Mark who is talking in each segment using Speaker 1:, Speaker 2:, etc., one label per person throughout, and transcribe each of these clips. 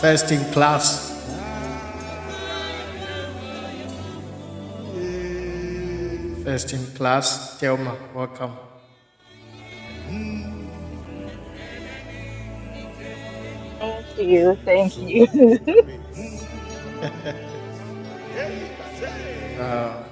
Speaker 1: First in class, first in class. Thelma, welcome.
Speaker 2: Thank you. Thank you.
Speaker 1: Uh,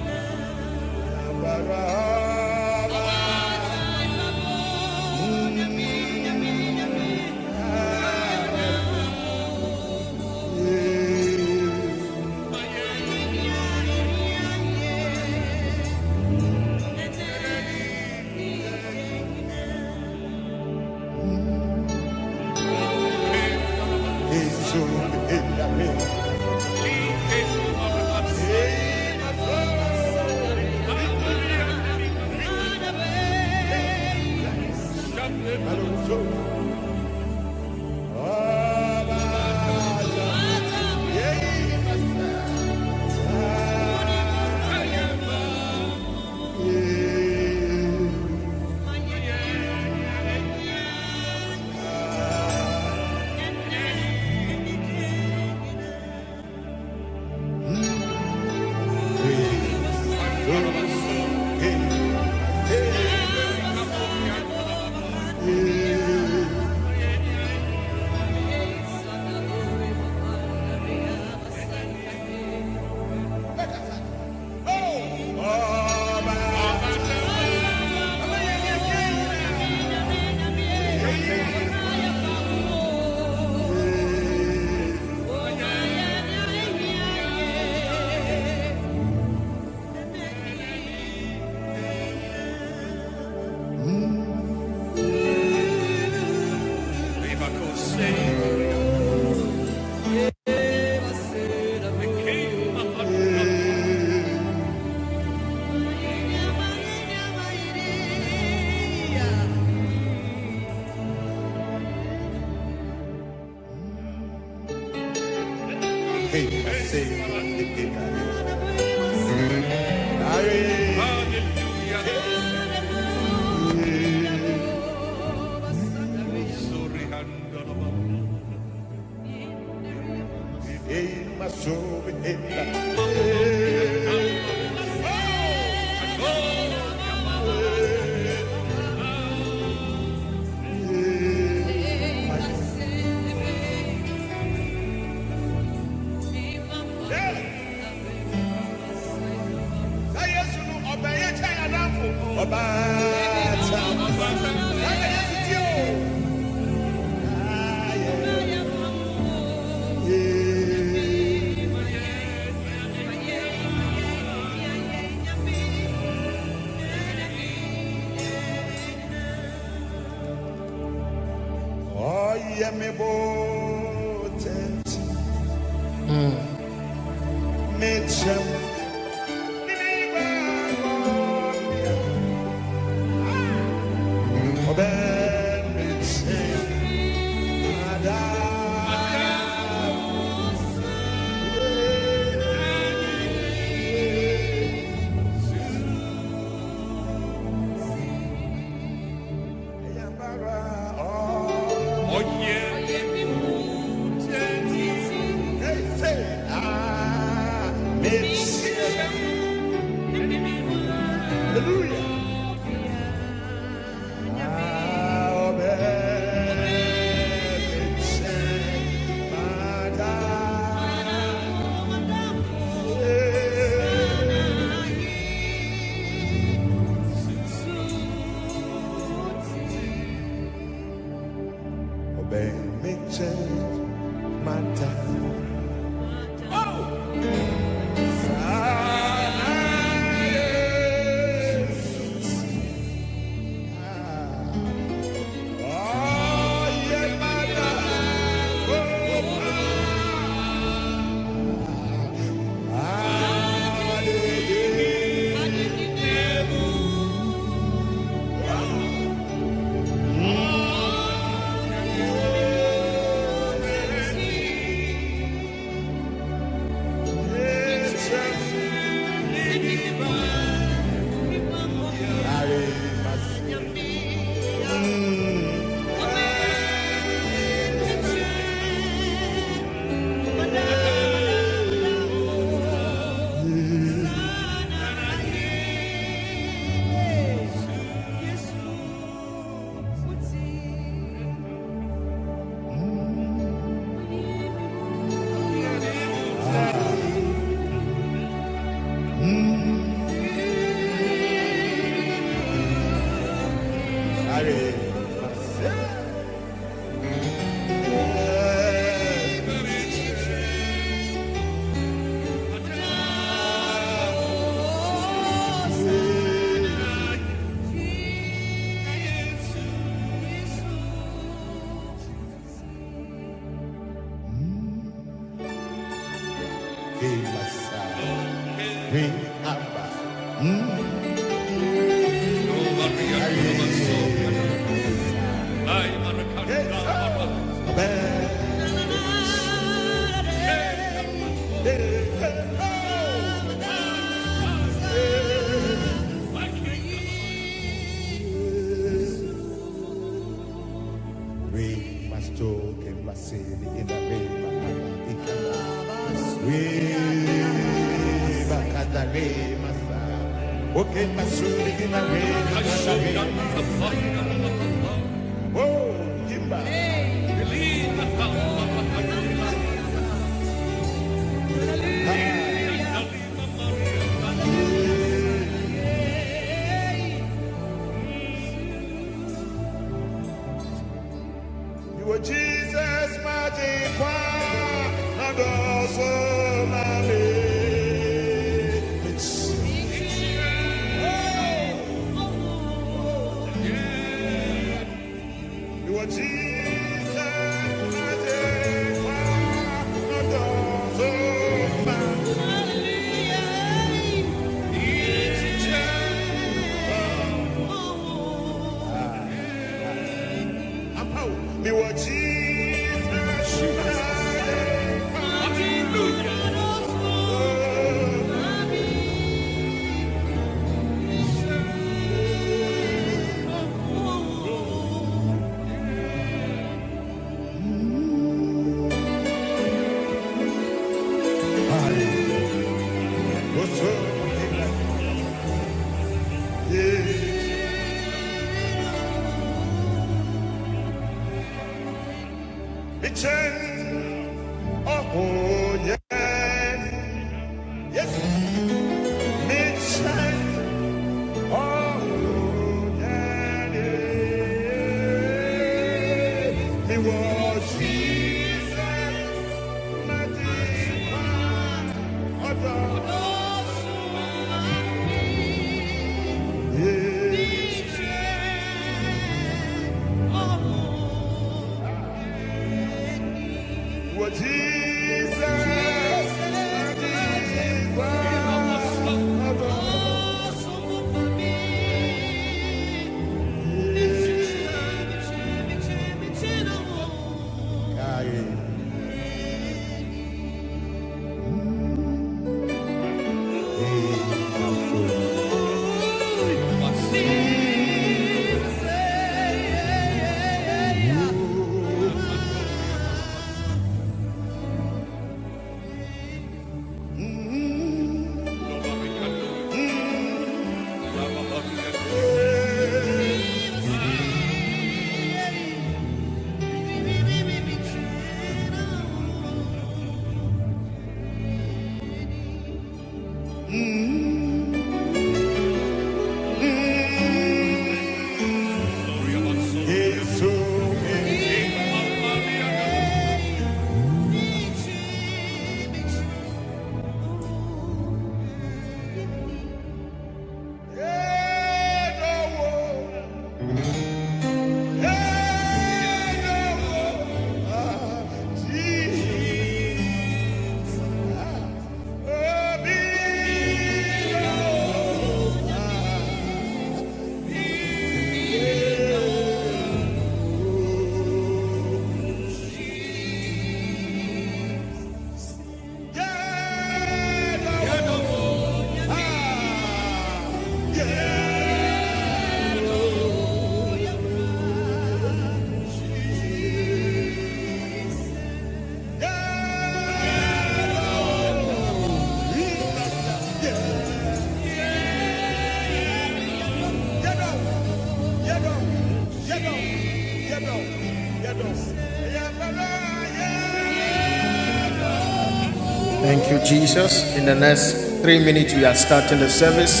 Speaker 1: thank you, Jesus. In the next three minutes, we are starting the service.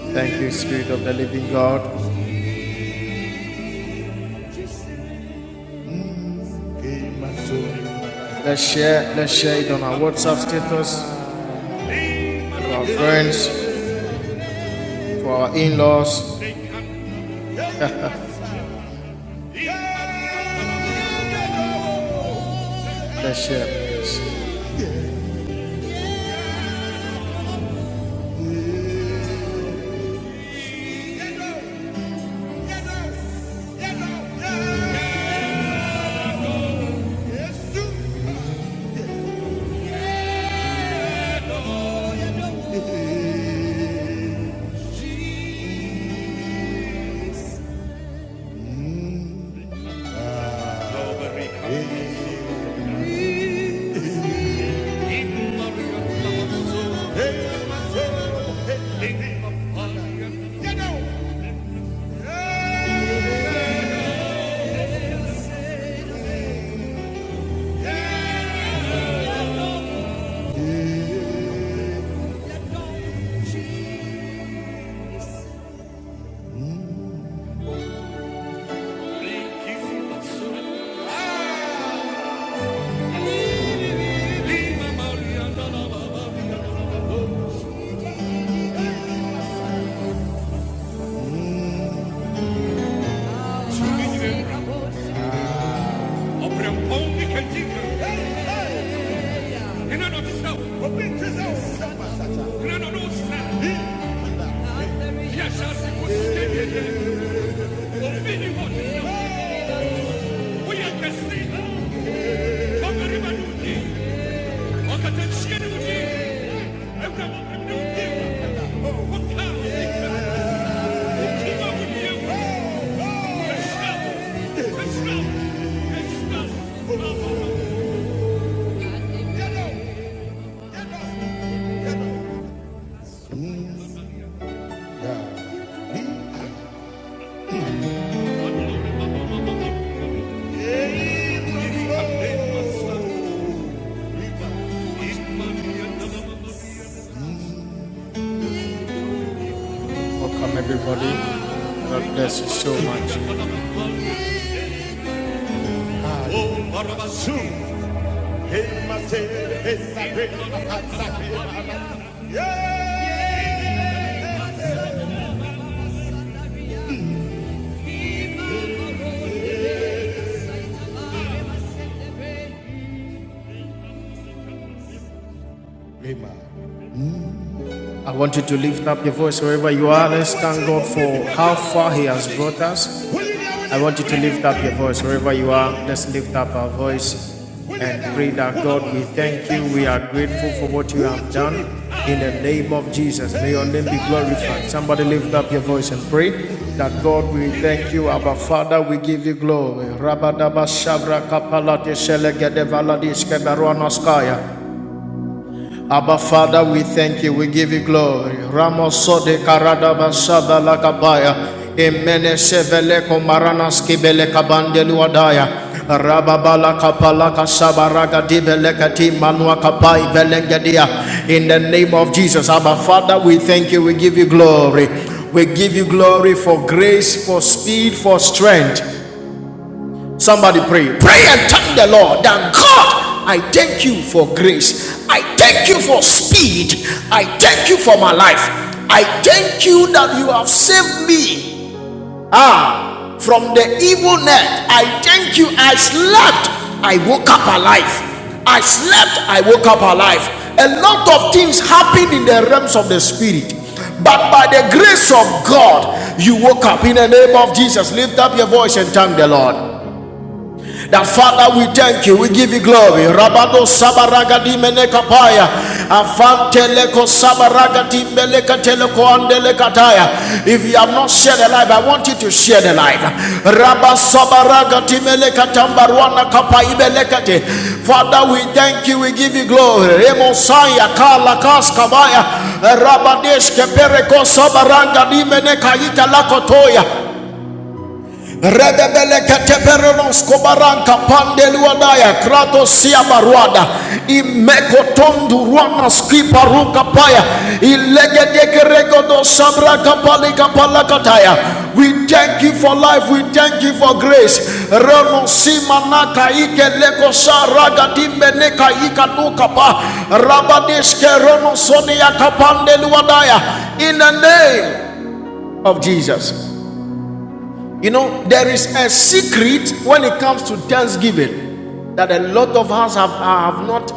Speaker 1: Thank you, Spirit of the Living God. Let's share, let's share it on our WhatsApp status, to our friends, to our in-laws. Let's share, please. Welcome, everybody. God bless you so much. I want you to lift up your voice wherever you are. Let's thank God for how far He has brought us. I want you to lift up your voice wherever you are. Let's lift up our voice and pray that God, we thank you. We are grateful for what you have done. In the name of Jesus, may your name be glorified. Somebody lift up your voice and pray that God, we thank you. Our Father, we give you glory. Abba Father, we thank you. We give you glory. Ramosode karadaba lakabaya. Emene shevele komarana skibele kabandelu adaya. Rababala kapala kasabaraga dibele kati manua kapai velengedia. In the name of Jesus, Abba Father, we thank you. We give you glory. We give you glory for grace, for speed, for strength. Somebody pray. Pray and thank the Lord that God, I thank you for grace. I thank you for speed. I thank you for my life. I thank you that you have saved me. Ah, from the evil net. I thank you. I slept. I woke up alive. I slept. I woke up alive. A lot of things happen in the realms of the spirit. But by the grace of God, you woke up. In the name of Jesus, lift up your voice and thank the Lord. That Father, we thank you, we give you glory. Rabado sabaragadi menekapaya, afanteleko sabaragadi melekateleko andelekataya. If you have not shared the life, I want you to share the life. Rabasabaragadi melekatambarwana kapaibelekate. Father, we thank you, we give you glory. Remosaya kalakas kabaya, rabadesh kepereko sabaranga dimenekaita lakotoya redebeleketeperonos kobaranka pandeluadaya kratosia baruada imekotonduruana skiparuka paya ilegedekeregodosamrakapalekapalakataya we thank you for life we thank you for grace renosimanaka ikelekosaragatimbeneka ikanukapa rabadiskeronosoniakapandeluadaya in the name of jesus you know, there is a secret when it comes to thanksgiving that a lot of us have, have not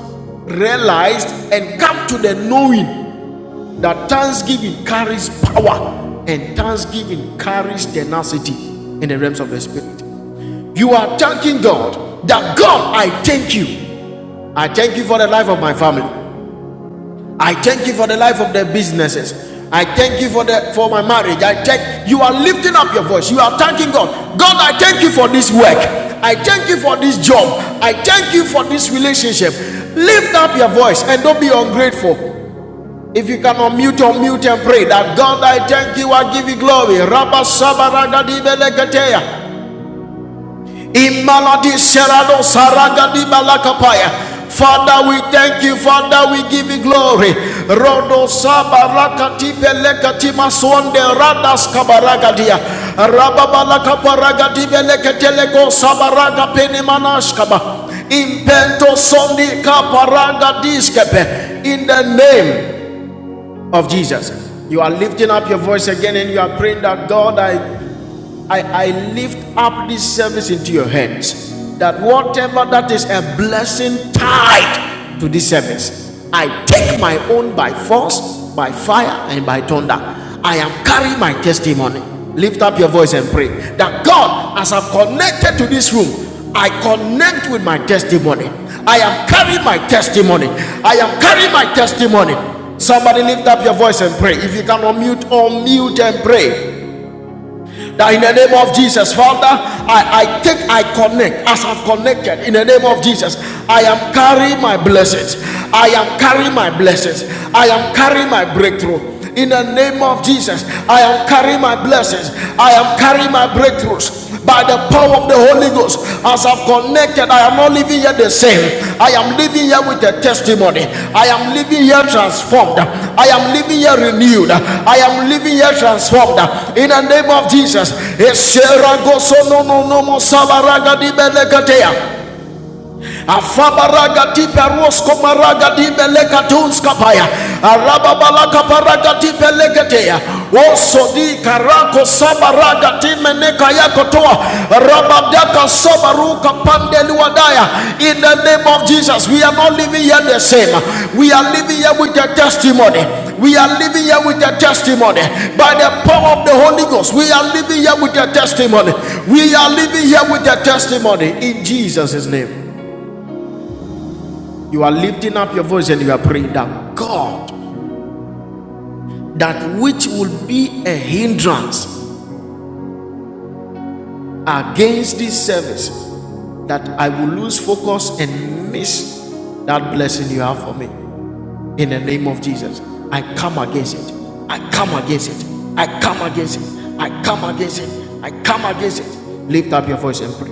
Speaker 1: realized and come to the knowing that thanksgiving carries power and thanksgiving carries tenacity in the realms of the spirit. You are thanking God that God, I thank you. I thank you for the life of my family. I thank you for the life of their businesses. I thank you for the for my marriage. I thank you are lifting up your voice. You are thanking God. God, I thank you for this work. I thank you for this job. I thank you for this relationship. Lift up your voice and don't be ungrateful. If you can unmute, unmute and pray that God, I thank you. I give you glory. Rabba sabaragadibeleketeya. Imaladi Serano Saragadi Balakapaya. Father, we thank you. Father, we give you glory. Rodo Sabarakati Belekati Maswande Radas Kabaragadia. Rababalakaparagadi Beleketelego Sabaraga Penimanashkaba. Impento Sondi Kaparaga Diskepe. In the name of Jesus. You are lifting up your voice again and you are praying that God, I I, I lift up this service into your hands that whatever that is a blessing tied to this service, I take my own by force, by fire, and by thunder. I am carrying my testimony. Lift up your voice and pray that God, as I've connected to this room, I connect with my testimony. I am carrying my testimony. I am carrying my testimony. Somebody lift up your voice and pray. If you can unmute, unmute and pray. That in the name of Jesus, Father, I, I take, I connect as I've connected in the name of Jesus. I am carrying my blessings. I am carrying my blessings. I am carrying my breakthrough. In the name of Jesus, I am carrying my blessings. I am carrying my breakthroughs by the power of the Holy Ghost. As I've connected, I am not living here the same. I am living here with a testimony. I am living here transformed. I am living here renewed. I am living here transformed. In the name of Jesus. Eseragosonononomosabaragadibeneketea afabaraga tipe rosko maraga dibe lekatunska paya arababalaka paraga tipe leketea osodi karako sabaraga time neka yako toa rabadaka sobaruka pandeliwadaya in the name of jesus we are not living here the same we are living here with a testimony we are living here with a testimony by the power of the Holy Ghost. We are living here with a testimony. We are living here with a testimony in Jesus' name. You are lifting up your voice and you are praying that God, that which will be a hindrance against this service, that I will lose focus and miss that blessing you have for me. In the name of Jesus, I come against it. I come against it. I come against it. I come against it. I come against it. Lift up your voice and pray.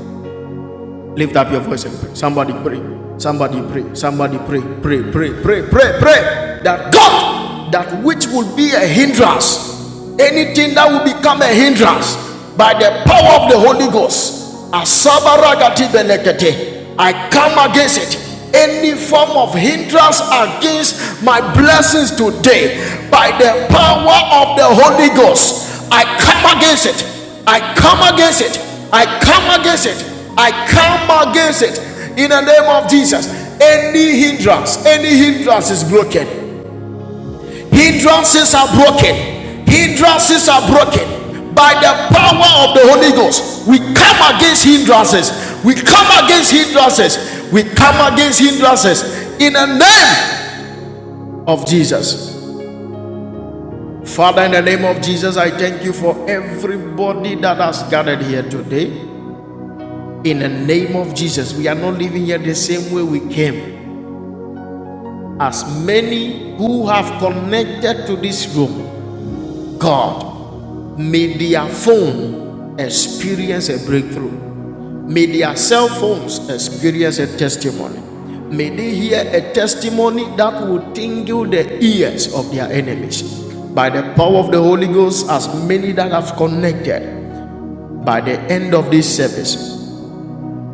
Speaker 1: Lift up your voice and pray. Somebody pray. Somebody pray. Somebody pray. Pray, pray, pray, pray, pray. That God, that which would be a hindrance, anything that will become a hindrance by the power of the Holy Ghost, Asabaragati benekete. I come against it. Any form of hindrance against my blessings today, by the power of the Holy Ghost, I come against it I come against it. I come against it. I come against it in the name of Jesus. Any hindrance, any hindrance is broken. Hindrances are broken. Hindrances are broken by the power of the Holy Ghost. We come against hindrances. We come against hindrances. We come against hindrances in the name of Jesus. Father, in the name of Jesus, I thank you for everybody that has gathered here today. In the name of Jesus, we are not living here the same way we came. As many who have connected to this room, God, may their phone experience a breakthrough. May their cell phones experience a testimony. May they hear a testimony that will tingle the ears of their enemies. By the power of the Holy Ghost, as many that have connected, by the end of this service,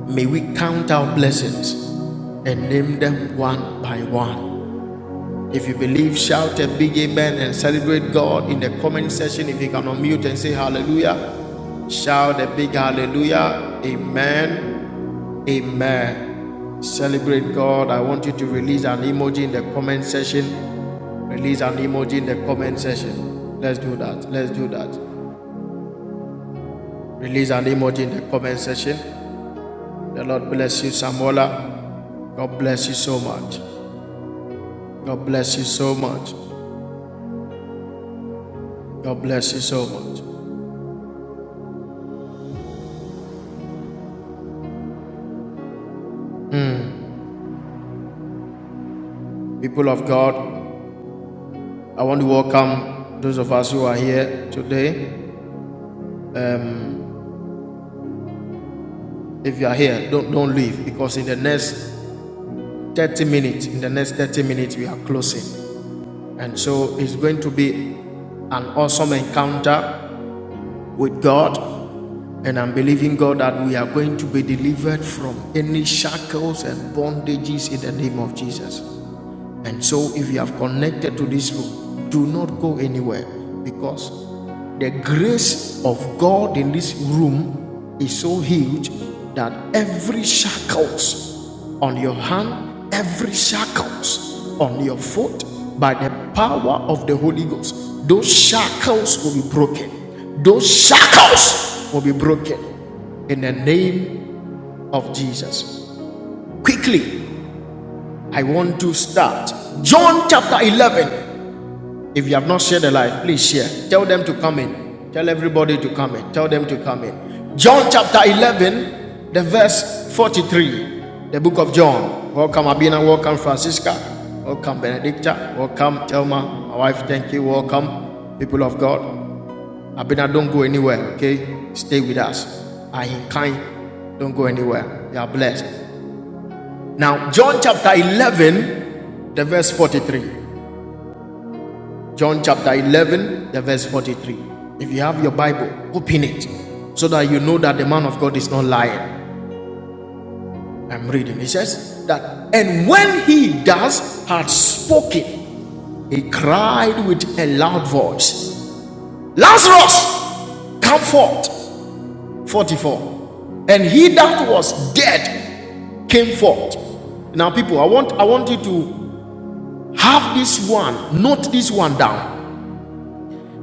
Speaker 1: May we count our blessings and name them one by one. If you believe, shout a big amen and celebrate God in the comment section. If you can unmute and say hallelujah, shout a big hallelujah. Amen. Amen. Celebrate God. I want you to release an emoji in the comment section. Release an emoji in the comment section. Let's do that. Let's do that. Release an emoji in the comment section. The Lord bless you, Samola. God bless you so much. God bless you so much. God bless you so much. People of God, I want to welcome those of us who are here today. If you are here, don't, don't leave because in the next 30 minutes, in the next 30 minutes, we are closing. And so it's going to be an awesome encounter with God. And I'm believing God that we are going to be delivered from any shackles and bondages in the name of Jesus. And so, if you have connected to this room, do not go anywhere because the grace of God in this room is so huge that every shackles on your hand, every shackles on your foot, by the power of the Holy Ghost, those shackles will be broken. Those shackles will be broken in the name of Jesus. Quickly, I want to start. John chapter 11. If you have not shared the life, please share. Tell them to come in. Tell everybody to come in. Tell them to come in. John chapter 11, the verse 43. The book of John. Welcome, Abina. Welcome, Francisca. Welcome, Benedicta. Welcome, Thelma. My wife, thank you. Welcome, people of God. Abena, don't go anywhere, okay? Stay with us. I kind, don't go anywhere. You are blessed. Now, John chapter 11, the verse 43. John chapter 11, the verse 43. If you have your Bible, open it so that you know that the man of God is not lying. I'm reading. He says that, and when he thus had spoken, he cried with a loud voice, Lazarus, come forth. 44 and he that was dead came forth now people i want i want you to have this one note this one down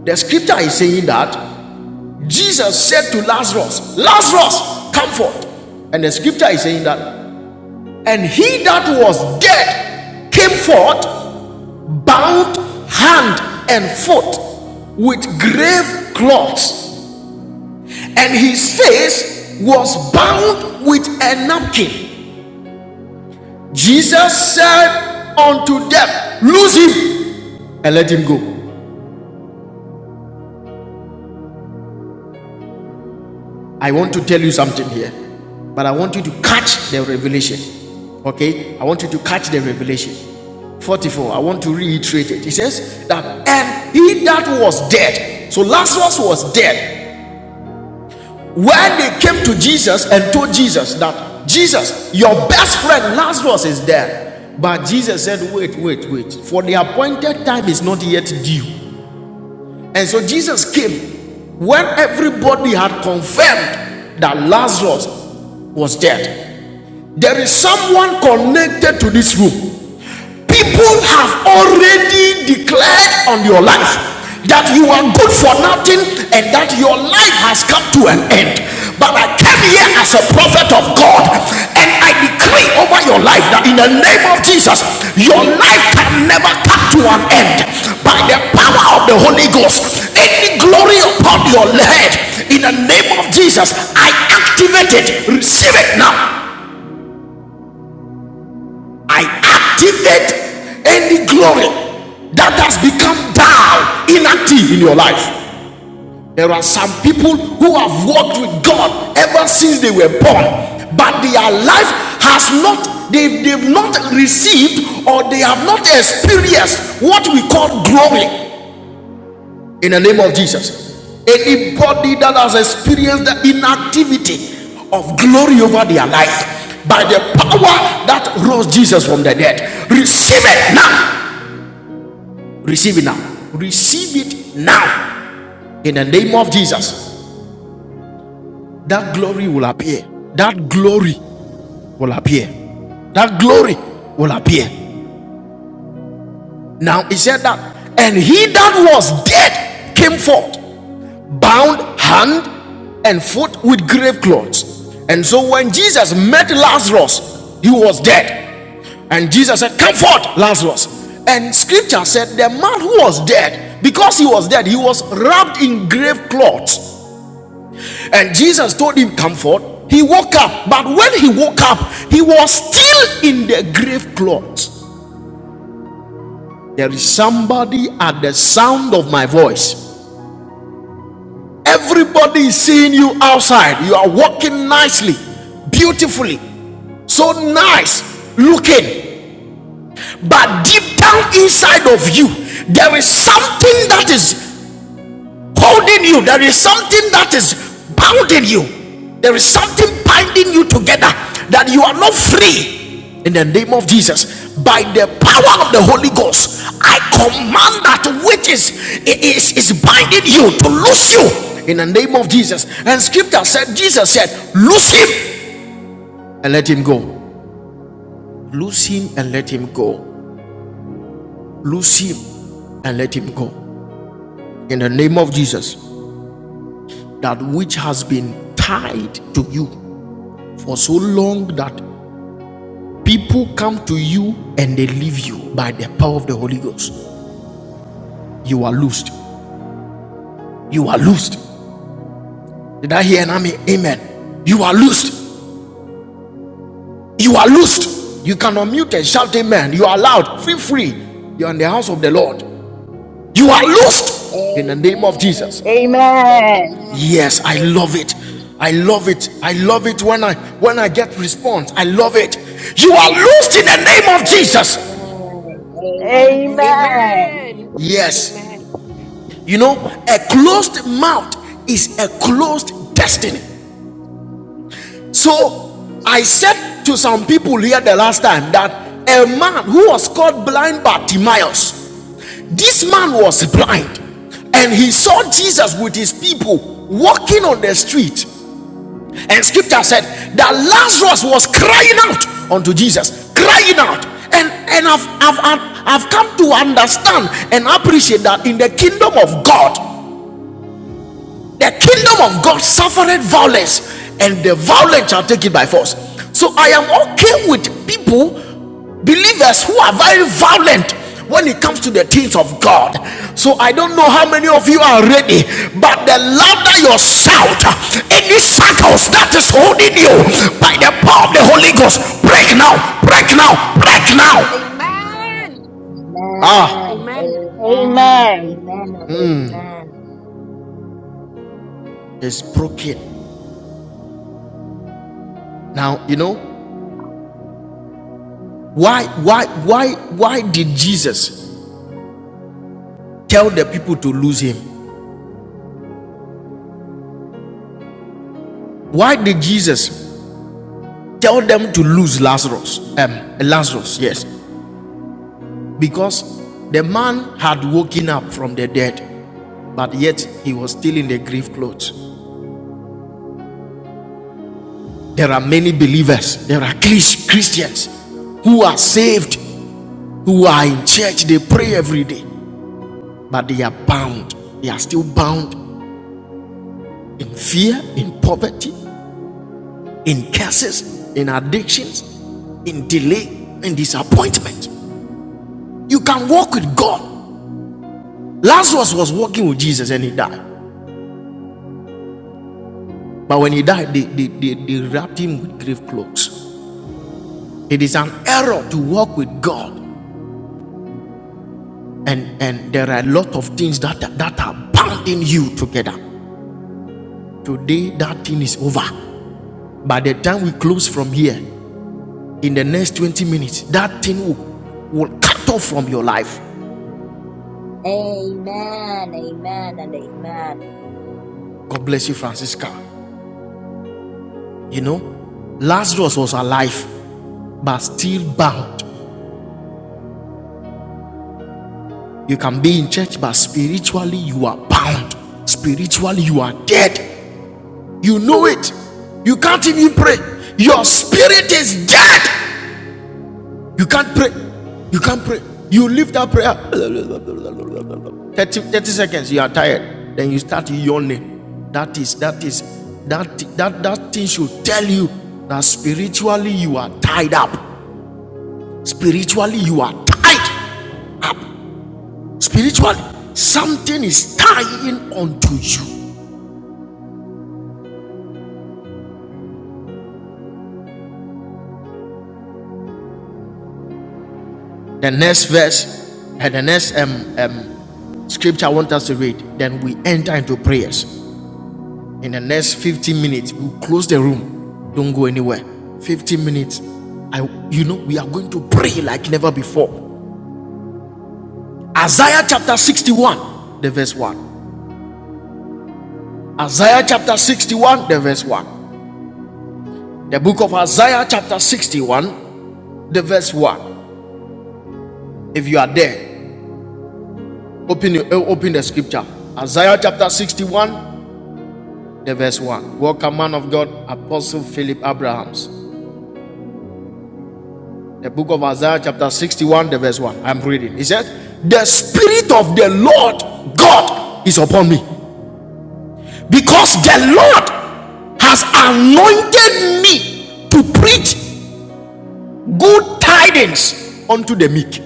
Speaker 1: the scripture is saying that jesus said to lazarus lazarus come forth and the scripture is saying that and he that was dead came forth bound hand and foot with grave cloths, and his face was bound with a napkin. Jesus said unto them, Lose him and let him go. I want to tell you something here, but I want you to catch the revelation. Okay? I want you to catch the revelation. 44, I want to reiterate it. He says that, and he that was dead, so Lazarus was dead. When they came to Jesus and told Jesus that, Jesus, your best friend Lazarus is dead. But Jesus said, Wait, wait, wait. For the appointed time is not yet due. And so Jesus came when everybody had confirmed that Lazarus was dead. There is someone connected to this room. People have already declared on your life that you are good for nothing and that your life has come to an end. But I came here as a prophet of God and I decree over your life that in the name of Jesus, your life can never come to an end. By the power of the Holy Ghost, any glory upon your head, in the name of Jesus, I activate it. Receive it now. I activate any glory that has become dull, inactive in your life. There are some people who have walked with God ever since they were born, but their life has not, they've, they've not received or they have not experienced what we call glory in the name of Jesus. Anybody that has experienced the inactivity of glory over their life by the power that rose Jesus from the dead, receive it now. Receive it now. Receive it now. In the name of Jesus, that glory will appear. That glory will appear. That glory will appear. Now he said that, and he that was dead came forth, bound hand and foot with grave clothes. And so when Jesus met Lazarus, he was dead. And Jesus said, Come forth, Lazarus. And scripture said, The man who was dead, because he was dead, he was wrapped in grave clothes. And Jesus told him, Come forth. He woke up, but when he woke up, he was still in the grave clothes. There is somebody at the sound of my voice. Everybody is seeing you outside. You are walking nicely, beautifully, so nice looking. But deep down inside of you, there is something that is holding you. There is something that is bounding you. There is something binding you together that you are not free. In the name of Jesus, by the power of the Holy Ghost, I command that which is is, is binding you to loose you in the name of Jesus. And scripture said, Jesus said, Loose him and let him go. Loose him and let him go. Loose him and let him go. In the name of Jesus, that which has been tied to you for so long that people come to you and they leave you by the power of the Holy Ghost. You are loosed. You are loosed. Did I hear an amen? Amen. You are loosed. You are loosed. You can unmute and shout amen. You are loud. Feel free. You're in the house of the Lord. You are loosed in the
Speaker 3: Amen,
Speaker 1: name of Jesus.
Speaker 3: amen, and
Speaker 2: Amen.
Speaker 3: amen.
Speaker 1: Yes, I
Speaker 3: Amen,
Speaker 1: love it. I love it. I love it when I when I get response. I love it. You are loosed in the name of Jesus.
Speaker 3: amen,
Speaker 4: Amen.
Speaker 3: amen,
Speaker 2: Amen.
Speaker 4: Amen.
Speaker 1: Yes.
Speaker 4: Amen.
Speaker 1: You know, a closed mouth is a closed destiny. So I said to some people here the last time that a man who was called blind Bartimaeus, this man was blind and he saw Jesus with his people walking on the street. And scripture said that Lazarus was crying out unto Jesus, crying out. And, and I've, I've, I've, I've come to understand and appreciate that in the kingdom of God, The kingdom of God suffered violence, and the violent shall take it by force. So I am okay with people, believers who are very violent when it comes to the things of God. So I don't know how many of you are ready, but the louder your shout, any shackles that is holding you by the power of the Holy Ghost, break now, break now, break now.
Speaker 3: amen,
Speaker 4: Amen.
Speaker 1: Ah,
Speaker 3: amen,
Speaker 4: Amen.
Speaker 2: Amen.
Speaker 3: amen, and amen.
Speaker 1: it's broken. Now you know why, why, why, why did Jesus? tell the people to lose him. Why did Jesus tell them to lose Lazarus? Um, Lazarus, yes, because the man had woken up from the dead, but yet he was still in the grave clothes. There are many believers, there are Chris- Christians who are saved, who are in church, they pray every day, but they are bound. They are still bound in fear, in poverty, in curses, in addictions, in delay, in disappointment. You can walk with God. Lazarus was walking with Jesus and he died. But when he died, they, they, they, they wrapped him with grave clothes. It is an error to walk with God. And, and there are a lot of things that, that are binding you together. Today, that thing is over. By the time we close from here, in the next 20 minutes, that thing will, will cut off from your life.
Speaker 3: Amen, amen, and amen.
Speaker 1: God bless you, Francisca. You know, Lazarus was alive, but still bound You can be in church, but spiritually you are bound. Spiritually you are dead. You know it. You can't even pray. Your spirit is dead. You can't pray. You can't pray. You leave that prayer 30 thirty seconds. You are tired. Then you start yawning. That is that is that that that thing should tell you that spiritually you are tied up. Spiritually you are tied up. Spiritually, something is tying onto you. The next verse and the next um, um, scripture I want us to read, then we enter into prayers. In the next 15 minutes, we'll close the room. Don't go anywhere. 15 minutes. I you know we are going to pray like never before. Isaiah chapter 61, the verse 1. Isaiah chapter 61, the verse 1. The book of Isaiah chapter 61, the verse 1. If you are there, open your- open the scripture. Isaiah chapter 61 the verse 1. Welcome, man of God, Apostle Philip Abrahams. The book of Isaiah, chapter 61, the verse 1. I'm reading. He says, The Spirit of the Lord God is upon me because the Lord has anointed me to preach good tidings unto the meek.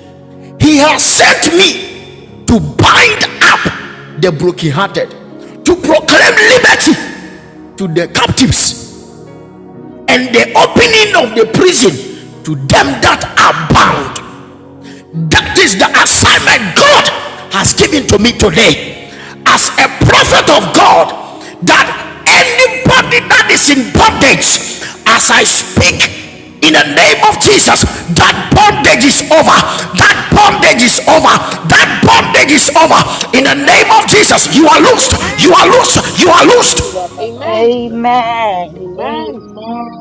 Speaker 1: He has sent me to bind up the brokenhearted, to proclaim liberty to the captives and the opening of the prison to them that are bound. That is the assignment God has given to me today as a prophet of God. That anybody that is in bondage, as I speak in the name of Jesus, that bondage is over. That bondage is over. That bondage is over. In the name of
Speaker 4: Amen.
Speaker 1: Jesus, you are loosed. You
Speaker 4: Amen.
Speaker 1: are loosed. You
Speaker 3: Amen.
Speaker 1: are
Speaker 3: Thank
Speaker 1: loosed.
Speaker 3: you, Abba Father.
Speaker 4: Amen.
Speaker 3: Thank you, Jesus.
Speaker 2: Amen.
Speaker 3: Amen,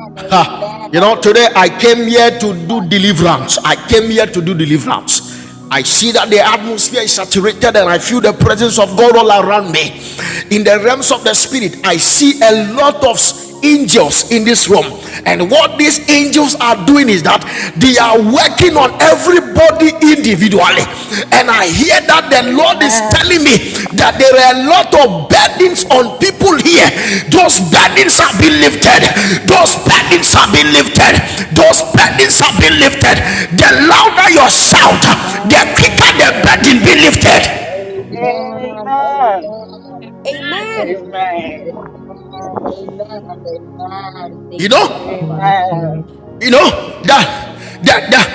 Speaker 1: Ah,
Speaker 3: amen,
Speaker 1: you know,
Speaker 3: and
Speaker 1: today I
Speaker 3: amen.
Speaker 1: came
Speaker 3: Thank
Speaker 1: here
Speaker 3: you, Abba
Speaker 1: to do
Speaker 3: Father.
Speaker 1: deliverance. I came here to do deliverance. I see that the atmosphere is saturated and I feel the presence of God all around me. In the realms of the spirit, I see a lot of angels in this room. And what these angels are doing is that they are working on everybody individually. And I hear that the Lord is telling
Speaker 2: Amen.
Speaker 1: me that there are a lot of burdens on people here. Those burdens have been lifted. Those burdens have been lifted. Those burdens have been lifted. The louder your shout, the
Speaker 3: Amen,
Speaker 1: quicker the burden be lifted.
Speaker 3: amen, amen,
Speaker 2: Amen.
Speaker 3: amen.
Speaker 5: Amen.
Speaker 2: Amen.
Speaker 4: Amen.
Speaker 3: Amen. Amen.
Speaker 1: You
Speaker 3: Thank you,
Speaker 1: know?
Speaker 3: Abba Father.
Speaker 2: Amen.
Speaker 3: Amen.
Speaker 1: You know that that that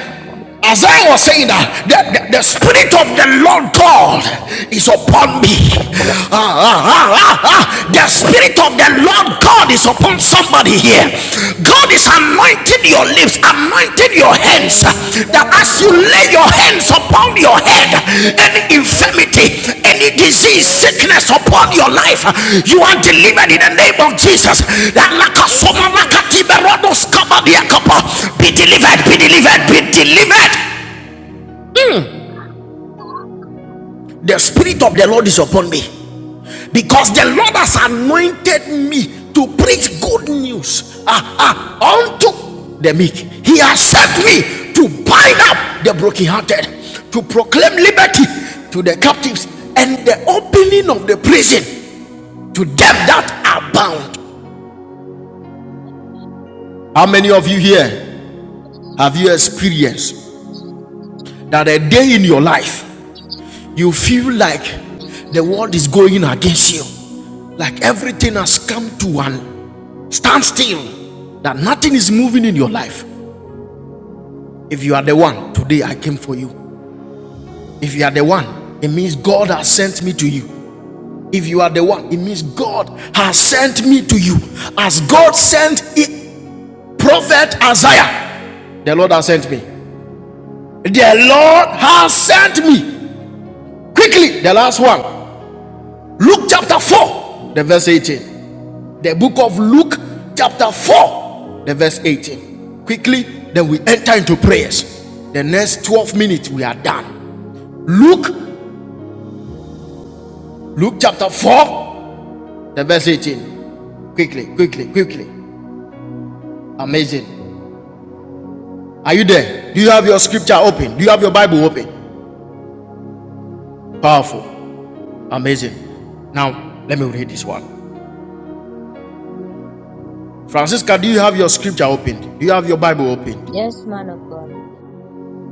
Speaker 1: as I was saying that the, the, the spirit of the Lord God is upon me. Ah, ah, ah, ah, ah. The spirit of the Lord God is upon somebody here. God is anointing your lips, anointing your hands that as you
Speaker 3: Amen.
Speaker 1: lay
Speaker 3: Amen.
Speaker 1: your hands upon
Speaker 3: Amen.
Speaker 1: your head, any infirmity, any disease,
Speaker 3: Amen.
Speaker 1: sickness upon your life,
Speaker 3: Amen.
Speaker 1: you are delivered in the
Speaker 3: Amen.
Speaker 1: name of Jesus.
Speaker 4: Amen.
Speaker 1: Be delivered, be delivered, be delivered. The Spirit of the Lord is upon me because the Lord has anointed me to
Speaker 3: Thank
Speaker 1: preach good
Speaker 3: you.
Speaker 1: news ah, ah, unto the meek. He has set me to bind up the brokenhearted, to proclaim liberty to the captives, and the opening of the prison to them that are bound. How many of you here have you experienced that a day in your life you feel like the world is going against you, like everything has come to an Stand still that nothing is moving in your life. If you are the one, today I came for you. If you are the one, it means God has sent me to you. If you are the one, it means God has sent me to you. As God sent it, prophet Isaiah, the Lord has sent me. The Lord has sent me. Quickly, the last one. Luke chapter 4, the verse 18. The book of Luke, chapter 4, the verse 18. Quickly, then we enter into prayers. The next 12 minutes, we are done. Luke, Luke chapter 4, the verse 18. Quickly, quickly, quickly. Amazing. Are you there? Do you have your scripture open? Do you have your Bible open? Powerful. Amazing. Now, let me read this one. Francisca, do you have your scripture opened? Do you have your Bible opened?
Speaker 3: Yes, man of God.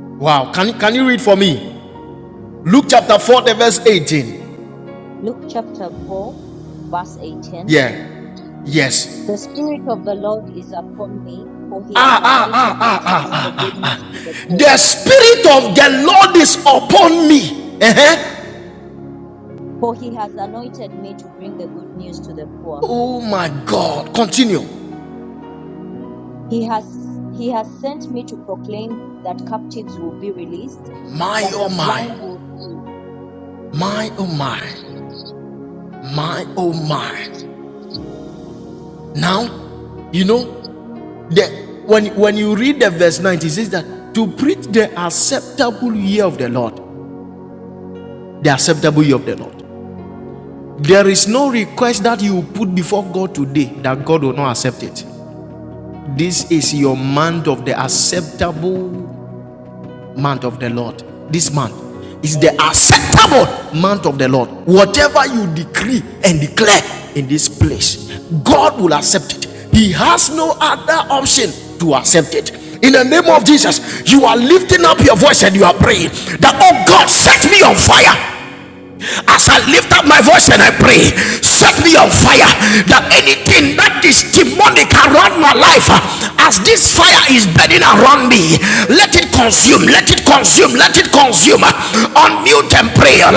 Speaker 1: Wow. Can, can you read for me? Luke chapter 4, the verse 18.
Speaker 3: Luke chapter 4, verse 18.
Speaker 1: Yeah. Yes.
Speaker 3: The Spirit of the Lord is upon me, for he has
Speaker 1: Ah, ah, ah,
Speaker 3: anointed me
Speaker 1: ah,
Speaker 3: to
Speaker 1: ah,
Speaker 3: bring
Speaker 1: ah.
Speaker 3: the good news to the poor.
Speaker 1: The Spirit of the Lord is upon me. Uh-huh.
Speaker 3: For he has anointed me to bring the good news to the poor.
Speaker 1: Oh my God. Continue.
Speaker 3: He has he has sent me to proclaim that captives will be released,
Speaker 1: My,
Speaker 3: that
Speaker 1: oh
Speaker 3: the
Speaker 1: my.
Speaker 3: blind will see.
Speaker 1: My, oh my. My, oh my. Now, you know, the, when, when you read the verse 9, it says that to preach the acceptable year of the Lord. The acceptable year of the Lord. There is no request that you put before God today that God will not accept it. This is your month of the acceptable month of the Lord. This month is the acceptable month of the Lord. Whatever you decree and declare in this place, God will accept it. He has no other option to accept it. In the name of Jesus, you are lifting up your voice and you are praying that, oh God, set me on fire as I lift up my voice and I pray,
Speaker 3: Amen.
Speaker 1: set me on fire that anything that is demonic around my life, as
Speaker 3: Thank
Speaker 1: this fire is burning around me, let it consume, let it consume, let it consume. Unmute and pray. The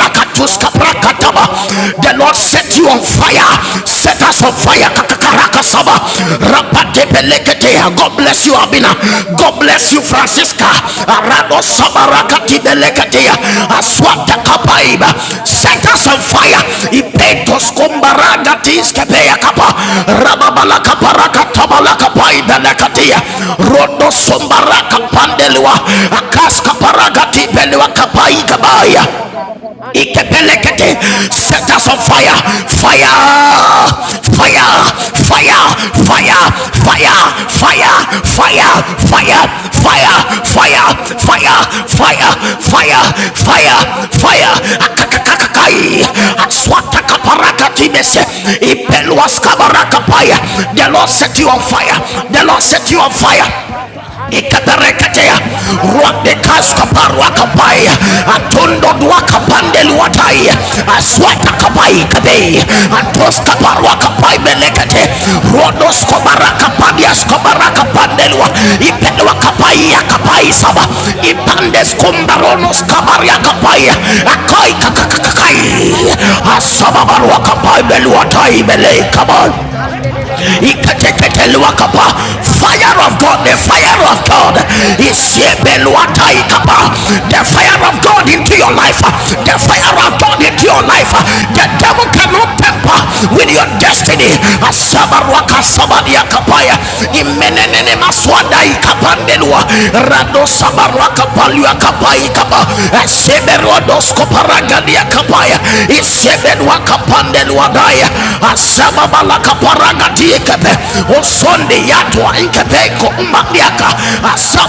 Speaker 1: Lord set you on fire,
Speaker 4: Amen.
Speaker 1: set us on
Speaker 4: Oh
Speaker 1: fire.
Speaker 4: Lord, set
Speaker 1: Kakakaraka
Speaker 4: me on
Speaker 1: saba.
Speaker 4: fire in the the name
Speaker 1: Rapatepeleke
Speaker 4: of Jesus
Speaker 1: God
Speaker 4: Christ.
Speaker 1: bless you, Abina.
Speaker 4: And the
Speaker 1: God
Speaker 4: bash the the
Speaker 1: bless you,
Speaker 4: the bush
Speaker 1: Francisca.
Speaker 4: da da da ba
Speaker 1: Arabo
Speaker 4: ba ba and the
Speaker 1: Sabarakati
Speaker 4: the bush da
Speaker 1: Beleketea.
Speaker 4: da ba ba ba ba
Speaker 1: Aswata
Speaker 4: ba ba ba da
Speaker 1: Kapaiba.
Speaker 4: bush da da
Speaker 1: Set
Speaker 4: ba
Speaker 1: us on fire.
Speaker 4: and the the the the
Speaker 3: you.
Speaker 4: bush da
Speaker 1: Ipetos
Speaker 3: Yes,
Speaker 4: da da ba
Speaker 1: Kumbaragatis
Speaker 4: Father set
Speaker 1: Kepea
Speaker 4: me
Speaker 1: Kapa.
Speaker 4: on fire, oh Lord,
Speaker 1: Rababala
Speaker 4: and the the
Speaker 1: Kaparaka
Speaker 4: the bush
Speaker 1: Tabala
Speaker 4: da da
Speaker 1: Kapai
Speaker 4: ba pa
Speaker 1: Belekatea.
Speaker 4: pa pa pa pa pa pa
Speaker 1: Rodo
Speaker 4: da bush da da da
Speaker 1: Sombaraka
Speaker 4: da da ba
Speaker 1: Pandeliwa.
Speaker 4: and the the the the
Speaker 1: Akaska
Speaker 4: the bush da da
Speaker 1: Paragati
Speaker 4: ba
Speaker 1: Belewa
Speaker 4: pa pa
Speaker 1: Kapai
Speaker 4: pa sha da da
Speaker 1: Kabaya.
Speaker 4: da ba ha and the the the the bush
Speaker 1: Ikepelekete.
Speaker 4: da pa pa pa
Speaker 1: Set
Speaker 4: pa
Speaker 1: us
Speaker 4: pa
Speaker 1: on
Speaker 4: pa
Speaker 1: fire.
Speaker 4: Father set
Speaker 1: Fire.
Speaker 4: me on fire Oh
Speaker 1: Fire.
Speaker 4: Lord, thank you,
Speaker 1: Fire.
Speaker 4: China.
Speaker 1: Fire.
Speaker 4: In your
Speaker 1: Fire.
Speaker 4: captivity, in the
Speaker 1: Fire.
Speaker 4: ground that
Speaker 1: Fire.
Speaker 4: is going on
Speaker 1: Fire.
Speaker 4: against me.
Speaker 1: Fire.
Speaker 4: Let the
Speaker 1: Fire.
Speaker 4: fire
Speaker 1: Fire.
Speaker 4: consume it now in the mighty
Speaker 1: Fire.
Speaker 4: name of Jesus
Speaker 1: Fire.
Speaker 4: Christ. And
Speaker 1: Fire.
Speaker 4: the back to the
Speaker 1: Fire.
Speaker 4: the- the- the- da- da- da- ba.
Speaker 3: Thank
Speaker 1: Akakakakakai.
Speaker 4: Ba- ba- ba- ba- ba- ba- ba- da- bo- sha- da- da- da-
Speaker 1: Aswatakaparakatimes.
Speaker 4: ba. ha. And the the- the- the- the- the- the- bo-
Speaker 1: Ipeluaskabarakapaya.
Speaker 4: sha- da- da-
Speaker 1: The
Speaker 4: da-
Speaker 1: Lord
Speaker 4: ba.
Speaker 1: set you on
Speaker 4: Ba- ba-
Speaker 1: fire.
Speaker 4: ba- ba- ba-
Speaker 1: The
Speaker 4: da-
Speaker 1: Lord
Speaker 4: bo-
Speaker 3: you.
Speaker 1: set you
Speaker 4: sha-
Speaker 1: on
Speaker 4: da- da- da- da-
Speaker 1: fire
Speaker 4: ba. And the the- the- the- the- bo-
Speaker 1: ikatareketea
Speaker 4: sha- da- da- da-
Speaker 3: Thank
Speaker 4: ba. ha. Lord, set it on
Speaker 1: ruakdekaskaparuakapai
Speaker 4: fire. And the the- the- bo- sha- ba- ba- ba- ba- ba-
Speaker 1: atundodwakapandeliwatai
Speaker 4: ba- da- bo- sha- da- da- da- da- ba.
Speaker 1: aswatakapai
Speaker 4: And
Speaker 1: kadei
Speaker 4: de de de de bo shada pa pa pa
Speaker 1: antoskaparuakapai
Speaker 4: pa pa
Speaker 1: belekete
Speaker 4: pa pa da bo shada da da da da da da da ba. And de de de de de
Speaker 1: ruodoskobarakapadiaskobarakapandelwa
Speaker 4: de bo shada da ba
Speaker 1: ipedwakapai
Speaker 4: pa pa pa pa pa pa
Speaker 1: saba
Speaker 4: da bo shada da da da da
Speaker 1: ipandes
Speaker 4: ba. And da ba se de de de de
Speaker 1: ipandeskumbaronoskabariakapai
Speaker 4: de de bo shada
Speaker 1: akai
Speaker 4: da ba ha.
Speaker 1: kakakakai
Speaker 4: And da ba sha ba pa pa pa pa pa pa
Speaker 1: asababaruakapai
Speaker 4: da bo shada
Speaker 1: beluatai
Speaker 4: da da da da da da ba.
Speaker 1: belekabai
Speaker 4: And de de de de de de de bo shada da da da da
Speaker 1: Ikateketeluakapa.
Speaker 4: ba.
Speaker 3: you.
Speaker 4: Pa pa pa
Speaker 1: Fire
Speaker 4: pa
Speaker 1: of
Speaker 4: pa
Speaker 1: God,
Speaker 4: pa
Speaker 1: the
Speaker 4: sha ba
Speaker 1: fire of
Speaker 4: de de
Speaker 1: God
Speaker 4: de de bo
Speaker 1: is
Speaker 3: Richard,
Speaker 4: shada da da ba. And da ba pa pa pa
Speaker 1: the
Speaker 4: pa da
Speaker 1: fire
Speaker 4: bo
Speaker 1: of
Speaker 4: shada
Speaker 1: God into
Speaker 4: da da da
Speaker 1: your
Speaker 4: ba.
Speaker 1: life,
Speaker 4: And de
Speaker 1: the
Speaker 4: de de de
Speaker 1: fire
Speaker 4: de de
Speaker 1: of
Speaker 4: de bo
Speaker 1: God into
Speaker 4: shada
Speaker 1: your
Speaker 4: da da
Speaker 1: life.
Speaker 4: ba. Pa
Speaker 1: The
Speaker 4: pa pa
Speaker 1: devil
Speaker 4: pa pa pa
Speaker 1: cannot
Speaker 4: da bo
Speaker 1: temper
Speaker 4: sha da da
Speaker 1: with
Speaker 4: da
Speaker 1: your
Speaker 4: da da ba.
Speaker 1: destiny. Asabaruaka sabadia kapaya. Imenenene maswada ikapandelua. Rado sabaruaka kapalua kapai kapa seberwa dosko paragania kapaya iseberwa kapandelwa daya asababala
Speaker 3: Jesus.
Speaker 1: kaparagatie kepe osonde yatwa inkepeko
Speaker 4: And
Speaker 1: umaliaka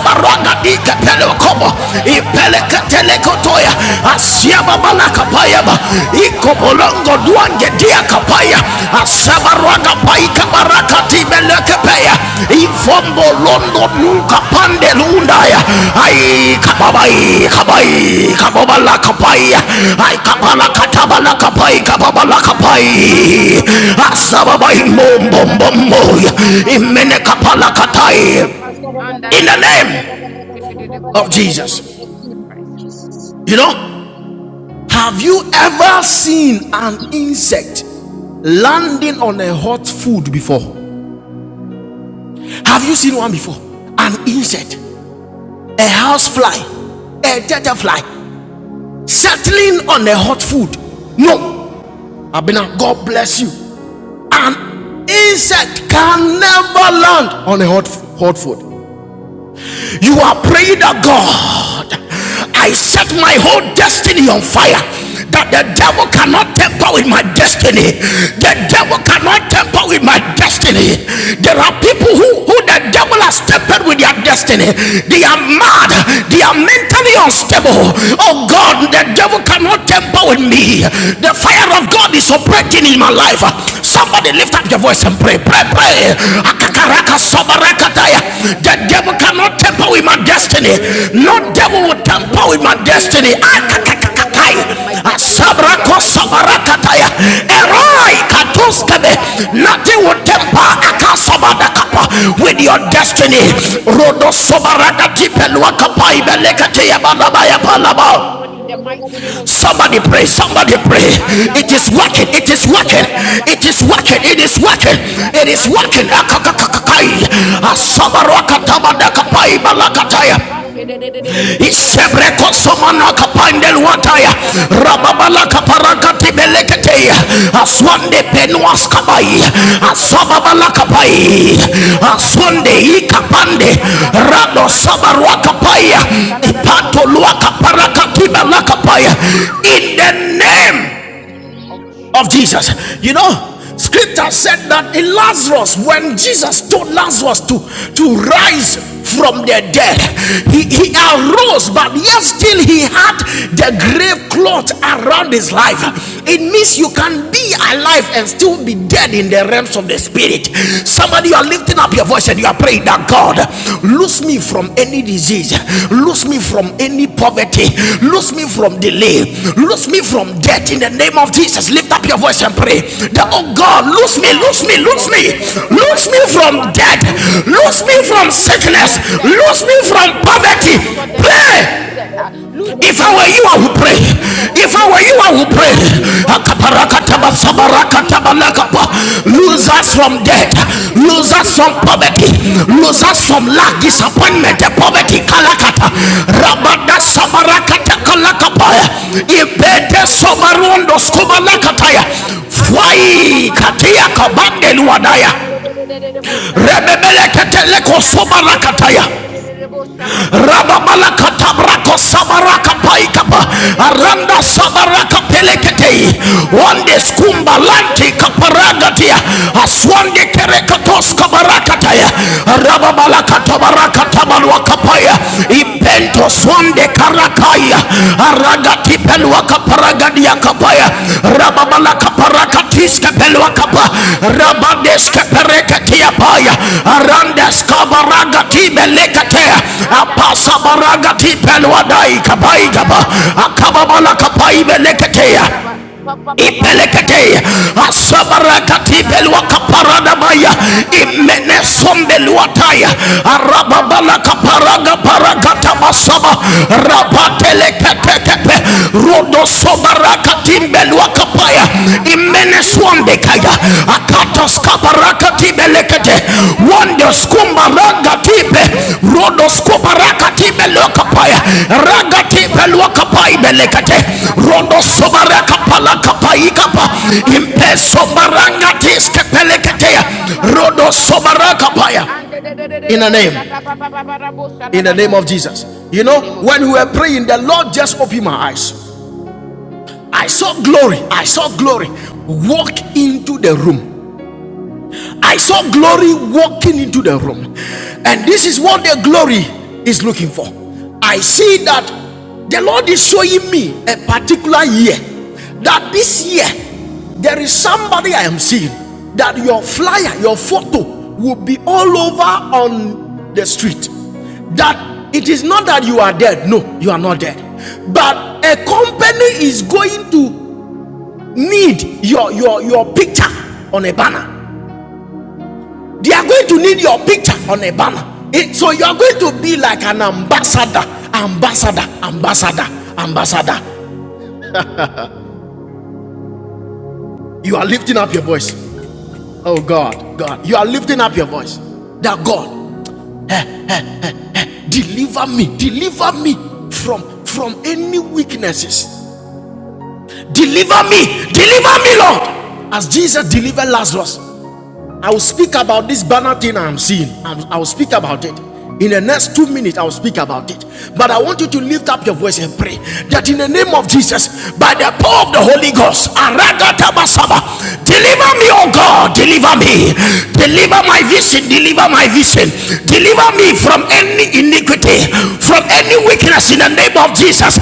Speaker 1: bala
Speaker 4: the papa papa papa da busha
Speaker 1: ipeleketeleko
Speaker 4: da da da
Speaker 1: toya
Speaker 4: da da ba. And the de de de de
Speaker 1: asiababalakapayaba
Speaker 4: busha da ba. Papa
Speaker 1: ikobolongo
Speaker 4: papa papa
Speaker 1: duange
Speaker 4: da
Speaker 1: dia
Speaker 4: busha da da da da
Speaker 1: kapaya
Speaker 4: da da da da ba. And
Speaker 1: asabarwaga
Speaker 4: the past
Speaker 1: paika
Speaker 4: de de de de de
Speaker 1: baraka
Speaker 4: de de busha da da da
Speaker 1: tibelekepeya
Speaker 4: da ba. Father,
Speaker 1: ivombo
Speaker 4: set me on
Speaker 1: londo
Speaker 4: fire.
Speaker 1: nuka
Speaker 4: King of
Speaker 1: pande
Speaker 4: Kings, set me
Speaker 1: lundaya
Speaker 4: on fire. Set me
Speaker 1: ai
Speaker 4: on fire. ha.
Speaker 1: kababai
Speaker 4: Set me on
Speaker 1: kabai
Speaker 4: fire. ha.
Speaker 1: kababala
Speaker 4: King of
Speaker 1: kapaya
Speaker 4: Kings, set
Speaker 3: Jesus.
Speaker 4: me
Speaker 1: ai
Speaker 4: on fire.
Speaker 3: Thank
Speaker 1: kabala
Speaker 4: Lord, set me
Speaker 1: katabala
Speaker 4: on
Speaker 1: kapai
Speaker 4: fire.
Speaker 1: kababala
Speaker 4: And da da da
Speaker 3: you,
Speaker 4: ba ba ba
Speaker 1: kapai
Speaker 4: ba ba da bu sha
Speaker 3: Jesus.
Speaker 4: da
Speaker 1: asababai
Speaker 4: da da da da
Speaker 1: mombo
Speaker 4: da da da ba
Speaker 1: momboya
Speaker 4: pa pa pa pa pa
Speaker 1: imene
Speaker 4: sha da
Speaker 1: kapala
Speaker 4: da da ba ba
Speaker 1: katai
Speaker 4: ba ba and that
Speaker 1: in
Speaker 4: that
Speaker 1: the
Speaker 4: that
Speaker 1: name
Speaker 4: bash in
Speaker 1: of
Speaker 4: the name of
Speaker 1: Jesus
Speaker 4: Jesus Christ.
Speaker 3: Jesus.
Speaker 1: you know have you ever seen an insect landing on a hot food before Have you seen one before? An insect, a house fly, a dead fly settling on a hot food. No, Abena, God bless you. An insect can never land on a hot, hot food. You are praying that God, I set my whole destiny on fire. That the devil cannot temper with my destiny. The devil cannot temper with my destiny. There are people who, who the devil has tempered with their destiny. They are mad. They are mentally unstable. Oh God, the devil cannot temper with me. The fire of God is operating in my life. Somebody Somebody lift up your voice and pray. Pray,
Speaker 3: Jesus.
Speaker 1: pray.
Speaker 4: I pray,
Speaker 1: Akakaraka sobarakataya. The devil cannot temper with my destiny.
Speaker 4: oh
Speaker 1: No
Speaker 4: Lord,
Speaker 1: devil will temper
Speaker 4: no
Speaker 1: with my
Speaker 4: devil, no
Speaker 1: destiny.
Speaker 4: demon can
Speaker 1: Akakakakai.
Speaker 4: temper with my destiny in the
Speaker 1: Asabrako
Speaker 4: mighty name of Jesus,
Speaker 1: sobarakataya.
Speaker 4: uh, because my
Speaker 1: Eroi
Speaker 4: destiny is on
Speaker 1: katuskebe.
Speaker 4: fire. uh,
Speaker 1: Nothing will
Speaker 4: And the
Speaker 1: temper
Speaker 4: ba- sha- da- ba- ba-
Speaker 1: akasabada
Speaker 4: ba- ba- da-
Speaker 1: kapa
Speaker 4: bo- sha-
Speaker 1: with
Speaker 4: da- da-
Speaker 1: your
Speaker 4: da- ba,
Speaker 1: destiny.
Speaker 4: and the the- the
Speaker 1: Rodo
Speaker 4: bo- sha- da- da- da-
Speaker 1: sobaraka
Speaker 4: ba- ba- ba- da- bo-
Speaker 1: tipelwakapa
Speaker 4: sha- da- da- da- ba. ha.
Speaker 1: ibelekateya
Speaker 4: no
Speaker 1: balabaya
Speaker 4: demon, no
Speaker 1: balaba.
Speaker 4: demon in the mighty name of Jesus
Speaker 1: Somebody
Speaker 4: can
Speaker 1: pray,
Speaker 4: touch my
Speaker 1: somebody
Speaker 4: life. uh,
Speaker 1: pray.
Speaker 4: And
Speaker 3: Oh,
Speaker 4: the
Speaker 1: It
Speaker 3: my
Speaker 4: ba-
Speaker 1: is
Speaker 4: sha- da-
Speaker 1: working,
Speaker 3: destiny
Speaker 4: da- da-
Speaker 1: it
Speaker 4: da-
Speaker 1: is
Speaker 4: da-
Speaker 3: Thank
Speaker 4: bo-
Speaker 1: working,
Speaker 4: sha- da- da- ba.
Speaker 1: it
Speaker 4: ha.
Speaker 1: is
Speaker 4: Come
Speaker 1: working,
Speaker 4: touch
Speaker 1: it
Speaker 4: my
Speaker 1: is working,
Speaker 4: destiny. uh,
Speaker 1: it is
Speaker 4: And the- the-
Speaker 1: working.
Speaker 4: the bo- ba- ba- ba- da-
Speaker 1: Akakakakai.
Speaker 4: bo- da- da- da- ba.
Speaker 3: you.
Speaker 4: Come touch my
Speaker 1: Asabarakatamadakapai
Speaker 4: purpose. uh, And the
Speaker 1: balakataya
Speaker 4: ba- sha- da- da- da- da- da- da- da- da-
Speaker 1: isebreko
Speaker 4: ba. Ba-
Speaker 1: somanaka
Speaker 4: ba- ba- ba-
Speaker 1: pandel
Speaker 4: ba- ba- da-
Speaker 1: wataya
Speaker 4: bo- da- da- da- da- da- ba.
Speaker 1: Rababala
Speaker 4: And the
Speaker 1: Kaparaka
Speaker 4: da- ba- sha- da- da- da-
Speaker 1: beleketeya
Speaker 4: da- da- da-
Speaker 1: aswande
Speaker 4: da- da- ba.
Speaker 1: penuas
Speaker 4: Ba-
Speaker 1: kabai
Speaker 4: ba- ba- sha- da- da- da- da-
Speaker 1: Asababala
Speaker 4: ba. And the-
Speaker 1: asababalakapai
Speaker 4: the- the- the- bo- sha- ba- ba-
Speaker 1: aswande
Speaker 4: ba- ba- da- bo-
Speaker 1: ikapande
Speaker 4: da- ba.
Speaker 1: rado
Speaker 4: And the- ba- ba- ba- ba- da-
Speaker 1: sabaruakapaya
Speaker 4: bo- da- da- da- da-
Speaker 1: ipato luakaparakatibelakapaya in the name
Speaker 4: Of
Speaker 1: of
Speaker 4: Jesus
Speaker 1: Jesus.
Speaker 4: Christ.
Speaker 3: Thank you.
Speaker 1: You know, scripture said that in Lazarus, when Jesus told Lazarus to, to rise from the dead, he, he arose, but yet still he had the grave cloth around his life. It means you can be alive and still be dead in the realms of the spirit. Somebody, you are lifting up up your voice and you are praying that God, loose me from any disease, loose me from any poverty, loose me from delay, loose me from death in the name of Jesus. Lift up your voice and pray that,
Speaker 4: uh,
Speaker 1: oh God,
Speaker 4: and
Speaker 1: loose me,
Speaker 4: about,
Speaker 1: loose
Speaker 3: I
Speaker 1: me,
Speaker 4: oh
Speaker 3: said,
Speaker 1: loose
Speaker 4: Lord
Speaker 3: "Da,
Speaker 1: me,
Speaker 3: da, da, da, da,
Speaker 4: Jesus
Speaker 3: da,
Speaker 1: loose
Speaker 4: Christ.
Speaker 1: me
Speaker 4: uh,
Speaker 3: da, da, da, da, Loose
Speaker 1: from
Speaker 3: me
Speaker 4: Father,
Speaker 1: death,
Speaker 3: from
Speaker 4: lose me
Speaker 3: any
Speaker 4: from
Speaker 1: loose me
Speaker 3: disease,
Speaker 4: disease,
Speaker 1: from
Speaker 4: lead me
Speaker 1: sickness,
Speaker 3: loose
Speaker 4: from
Speaker 3: me
Speaker 4: death,
Speaker 3: from
Speaker 4: uh,
Speaker 1: loose me
Speaker 3: any
Speaker 4: lose
Speaker 1: from
Speaker 4: me from
Speaker 3: poverty,
Speaker 1: poverty.
Speaker 3: from
Speaker 4: premature death,
Speaker 3: any
Speaker 1: Pray.
Speaker 4: untimely
Speaker 3: financial
Speaker 4: death,
Speaker 3: debt.
Speaker 4: uh, lose
Speaker 3: Father,
Speaker 4: me
Speaker 1: If I
Speaker 4: from
Speaker 3: lose
Speaker 1: were you,
Speaker 3: me
Speaker 1: I would
Speaker 4: accidents,
Speaker 1: pray.
Speaker 4: lose me
Speaker 3: from
Speaker 4: from
Speaker 3: lack,
Speaker 1: If I
Speaker 3: lose
Speaker 1: were
Speaker 4: poverty,
Speaker 1: you,
Speaker 3: me
Speaker 4: uh,
Speaker 1: I
Speaker 3: from
Speaker 1: would pray.
Speaker 4: lose
Speaker 3: lack,
Speaker 4: me
Speaker 3: lose me
Speaker 4: from
Speaker 3: from
Speaker 4: sicknesses, uh,
Speaker 1: Akaparakataba
Speaker 3: crying, lose
Speaker 4: lose
Speaker 3: me from
Speaker 4: me from
Speaker 3: depression.
Speaker 1: sabarakatabalakapa.
Speaker 4: disappointments,
Speaker 3: Father,
Speaker 1: Lose
Speaker 3: loose
Speaker 4: rejection,
Speaker 1: us
Speaker 3: me
Speaker 4: uh,
Speaker 1: from
Speaker 3: from
Speaker 4: in the
Speaker 1: death.
Speaker 3: darkness,
Speaker 4: mighty name
Speaker 1: Lose
Speaker 4: of
Speaker 3: loose
Speaker 1: us
Speaker 3: me,
Speaker 4: Jesus.
Speaker 1: from
Speaker 4: uh,
Speaker 3: Father.
Speaker 1: poverty.
Speaker 4: anything
Speaker 3: Lord,
Speaker 4: that
Speaker 3: me
Speaker 4: has
Speaker 1: Lose
Speaker 3: from what
Speaker 1: us
Speaker 4: held
Speaker 3: I
Speaker 4: me
Speaker 1: from
Speaker 3: do,
Speaker 1: lack,
Speaker 4: bound, uh,
Speaker 3: holding me.
Speaker 4: Father,
Speaker 1: disappointment,
Speaker 4: in the
Speaker 1: poverty.
Speaker 4: mighty name of
Speaker 1: Kalakata.
Speaker 4: Jesus Christ, uh,
Speaker 1: Rabada
Speaker 4: Father, lose me this
Speaker 1: sabarakata
Speaker 4: night, uh,
Speaker 1: kalakapaya.
Speaker 4: Father, lose me this
Speaker 3: Use
Speaker 4: evening,
Speaker 1: Ibete
Speaker 4: uh,
Speaker 3: me
Speaker 4: in
Speaker 3: from
Speaker 4: the
Speaker 1: sobarundo
Speaker 4: mighty
Speaker 3: my
Speaker 4: name of
Speaker 3: marriage.
Speaker 4: Jesus
Speaker 3: Use
Speaker 1: skubalakataya.
Speaker 3: me
Speaker 4: Christ.
Speaker 3: from
Speaker 4: And
Speaker 3: whatever
Speaker 4: da da
Speaker 3: thing
Speaker 4: ba ba
Speaker 1: Fwai
Speaker 3: holding
Speaker 4: ba
Speaker 3: my
Speaker 4: ba bo
Speaker 1: katia
Speaker 3: marriage
Speaker 4: sa da
Speaker 3: for
Speaker 4: da
Speaker 3: you.
Speaker 4: da da
Speaker 1: kabande
Speaker 4: ba.
Speaker 3: Yes,
Speaker 1: luadaya.
Speaker 4: And da
Speaker 3: Lord,
Speaker 4: da da da da da bo sa ba ba ba ba.
Speaker 1: Rebebeleketele
Speaker 4: And da da ba se da
Speaker 1: kosobarakataya
Speaker 4: da da da da da bo sa ba ba. Ba ba ba ba ba ba da
Speaker 1: rababalakatabrako
Speaker 4: bo sa da da da da da ba.
Speaker 1: sabarakapaikapa
Speaker 4: And da da da da da da
Speaker 1: aranda
Speaker 4: da bo sa. Ba ba ba ba ba
Speaker 1: sabarakapeleketei
Speaker 4: ba ba da bo sa
Speaker 1: wande
Speaker 4: da da da da ba. Oh
Speaker 1: skumbalanti
Speaker 4: Lord, lose me,
Speaker 1: kaparagatia
Speaker 4: lose me from every
Speaker 1: aswande
Speaker 4: sickness, ah, every disease. ah.
Speaker 1: kerekatoskabarakataya
Speaker 4: Father, lose me. And da da ba se da da da da da da
Speaker 1: rababalakatabarakatabalwakapaya
Speaker 4: bo sa ba. Ba
Speaker 1: impento
Speaker 4: ba ba ba
Speaker 3: yes.
Speaker 4: ba
Speaker 1: swande
Speaker 4: ba da bo sa
Speaker 1: karakaya aragati pelwa
Speaker 4: any
Speaker 1: kaparagadia
Speaker 4: spiritual disease,
Speaker 1: kapaya
Speaker 4: ah, any
Speaker 1: rababala
Speaker 4: spiritual death that is
Speaker 1: kaparakatis
Speaker 4: holding me
Speaker 1: kapelwa
Speaker 4: bound, ah,
Speaker 1: kapa
Speaker 4: I pray in the
Speaker 1: rabandes
Speaker 4: mighty name of
Speaker 1: kaparekatia
Speaker 4: Jesus. ah,
Speaker 1: paya
Speaker 4: In the mighty
Speaker 1: arandes
Speaker 4: name of Jesus, oh Lord,
Speaker 1: kabaragati
Speaker 4: lose me now. ah.
Speaker 1: belekatea
Speaker 4: And that da ba
Speaker 1: apasa
Speaker 4: ba ba ba da bo
Speaker 1: baragati
Speaker 4: sha da da
Speaker 1: pelwa
Speaker 4: da da
Speaker 1: dai
Speaker 4: ba.
Speaker 1: kapai
Speaker 4: And that
Speaker 1: kapa
Speaker 4: that- that- ba- sha- da da ba
Speaker 1: akababala
Speaker 4: she de de de de de de
Speaker 1: kapai
Speaker 4: de de bo sha da da da
Speaker 1: beleketea
Speaker 4: ba. Pa pa pa pa pa pa da bo
Speaker 1: Ipelekete
Speaker 4: sha da da.
Speaker 1: asabarakati
Speaker 4: Shada da da da da
Speaker 1: beluaka
Speaker 4: ba, anda da da
Speaker 1: paradabaya
Speaker 4: da ba pa pa da bo
Speaker 1: imene ipeleketee
Speaker 4: shada da da da ba,
Speaker 1: asabarakatibelwakaparadabaya imenesombelwataya
Speaker 4: ande de de de de bo sha pa pa pa pa, anda da da da ba pa
Speaker 1: arababalakaparagaparagatabasaba
Speaker 4: pa da bo shada da da da da ba. I
Speaker 1: rapateleketekepe
Speaker 4: lose, I'm lose, I'm loser from every spiritual
Speaker 1: rodosobarakatimbelwakapaya
Speaker 4: deck. I'm loser from
Speaker 1: imeneswambekaya
Speaker 4: every
Speaker 1: aka
Speaker 4: spiritual poverty. I'm loser from every
Speaker 1: Wando
Speaker 4: spiritual
Speaker 1: skumba
Speaker 4: case.
Speaker 1: raga
Speaker 4: I am
Speaker 1: tipe
Speaker 4: loser
Speaker 1: rodo
Speaker 4: from
Speaker 1: skumba
Speaker 4: every
Speaker 1: raga
Speaker 4: spiritual
Speaker 1: tipe
Speaker 4: sickness.
Speaker 1: lokapaya
Speaker 4: I am
Speaker 1: raga
Speaker 4: loser from
Speaker 1: tipe
Speaker 4: every
Speaker 1: lokapai
Speaker 4: spiritual
Speaker 1: belekate
Speaker 4: disappointment. In
Speaker 1: rodo
Speaker 4: the mighty name
Speaker 1: sobara
Speaker 4: of Christ
Speaker 1: kapala
Speaker 4: Jesus.
Speaker 1: kapai
Speaker 4: I'm
Speaker 1: kapa
Speaker 4: da da
Speaker 1: toskabarakatibelekete wondoskumbaragatibe rodoskubarakatimeleokapaya ragatibeluokapaibelekete rodosobarakapalakapaikapa
Speaker 4: ba, de de de de de de de bo sha da ba, ba ba ba
Speaker 1: impesobarangatiskepeleketeya
Speaker 4: ba ba ba da bo sha da da da da ba,
Speaker 1: rodosobarakapaya
Speaker 4: and de de de de de
Speaker 1: in
Speaker 4: de
Speaker 1: the
Speaker 4: bo sha
Speaker 1: name
Speaker 4: da ba ba ba ba da bo sha da
Speaker 1: in the
Speaker 4: da
Speaker 1: name
Speaker 4: ba.
Speaker 1: of jesus you
Speaker 4: In the
Speaker 1: know
Speaker 4: name of
Speaker 1: when we
Speaker 4: Jesus.
Speaker 1: were praying the lord just opened my eyes i saw glory i saw glory walk into the room I saw glory walking into the room, and this is what the glory is looking for. I see that the Lord is showing me a particular year that this year there is somebody I am seeing that your flyer, your photo will be all over on the street. That it is not that you are dead, no, you are not dead, but a company is going to need your your your picture on a banner they are going to need your picture on a banner. It- so you are going to be like an ambassador, ambassador, ambassador, ambassador. You are lifting up your voice. Oh God, God, you are lifting up your voice. That God, deliver me, deliver me from from any weaknesses. Deliver me, deliver me, Lord. As Jesus delivered Lazarus, I'll speak about this banner thing I'm seeing. i will speak about it. In the next two minutes, I'll speak about it. But I want you to lift up your voice and pray that in the name of Jesus, by the power of the Holy Ghost, Aragatabasaba, deliver me, oh God, deliver me. Deliver my vision, deliver my vision, deliver me from any iniquity, from any weakness in the name of Jesus.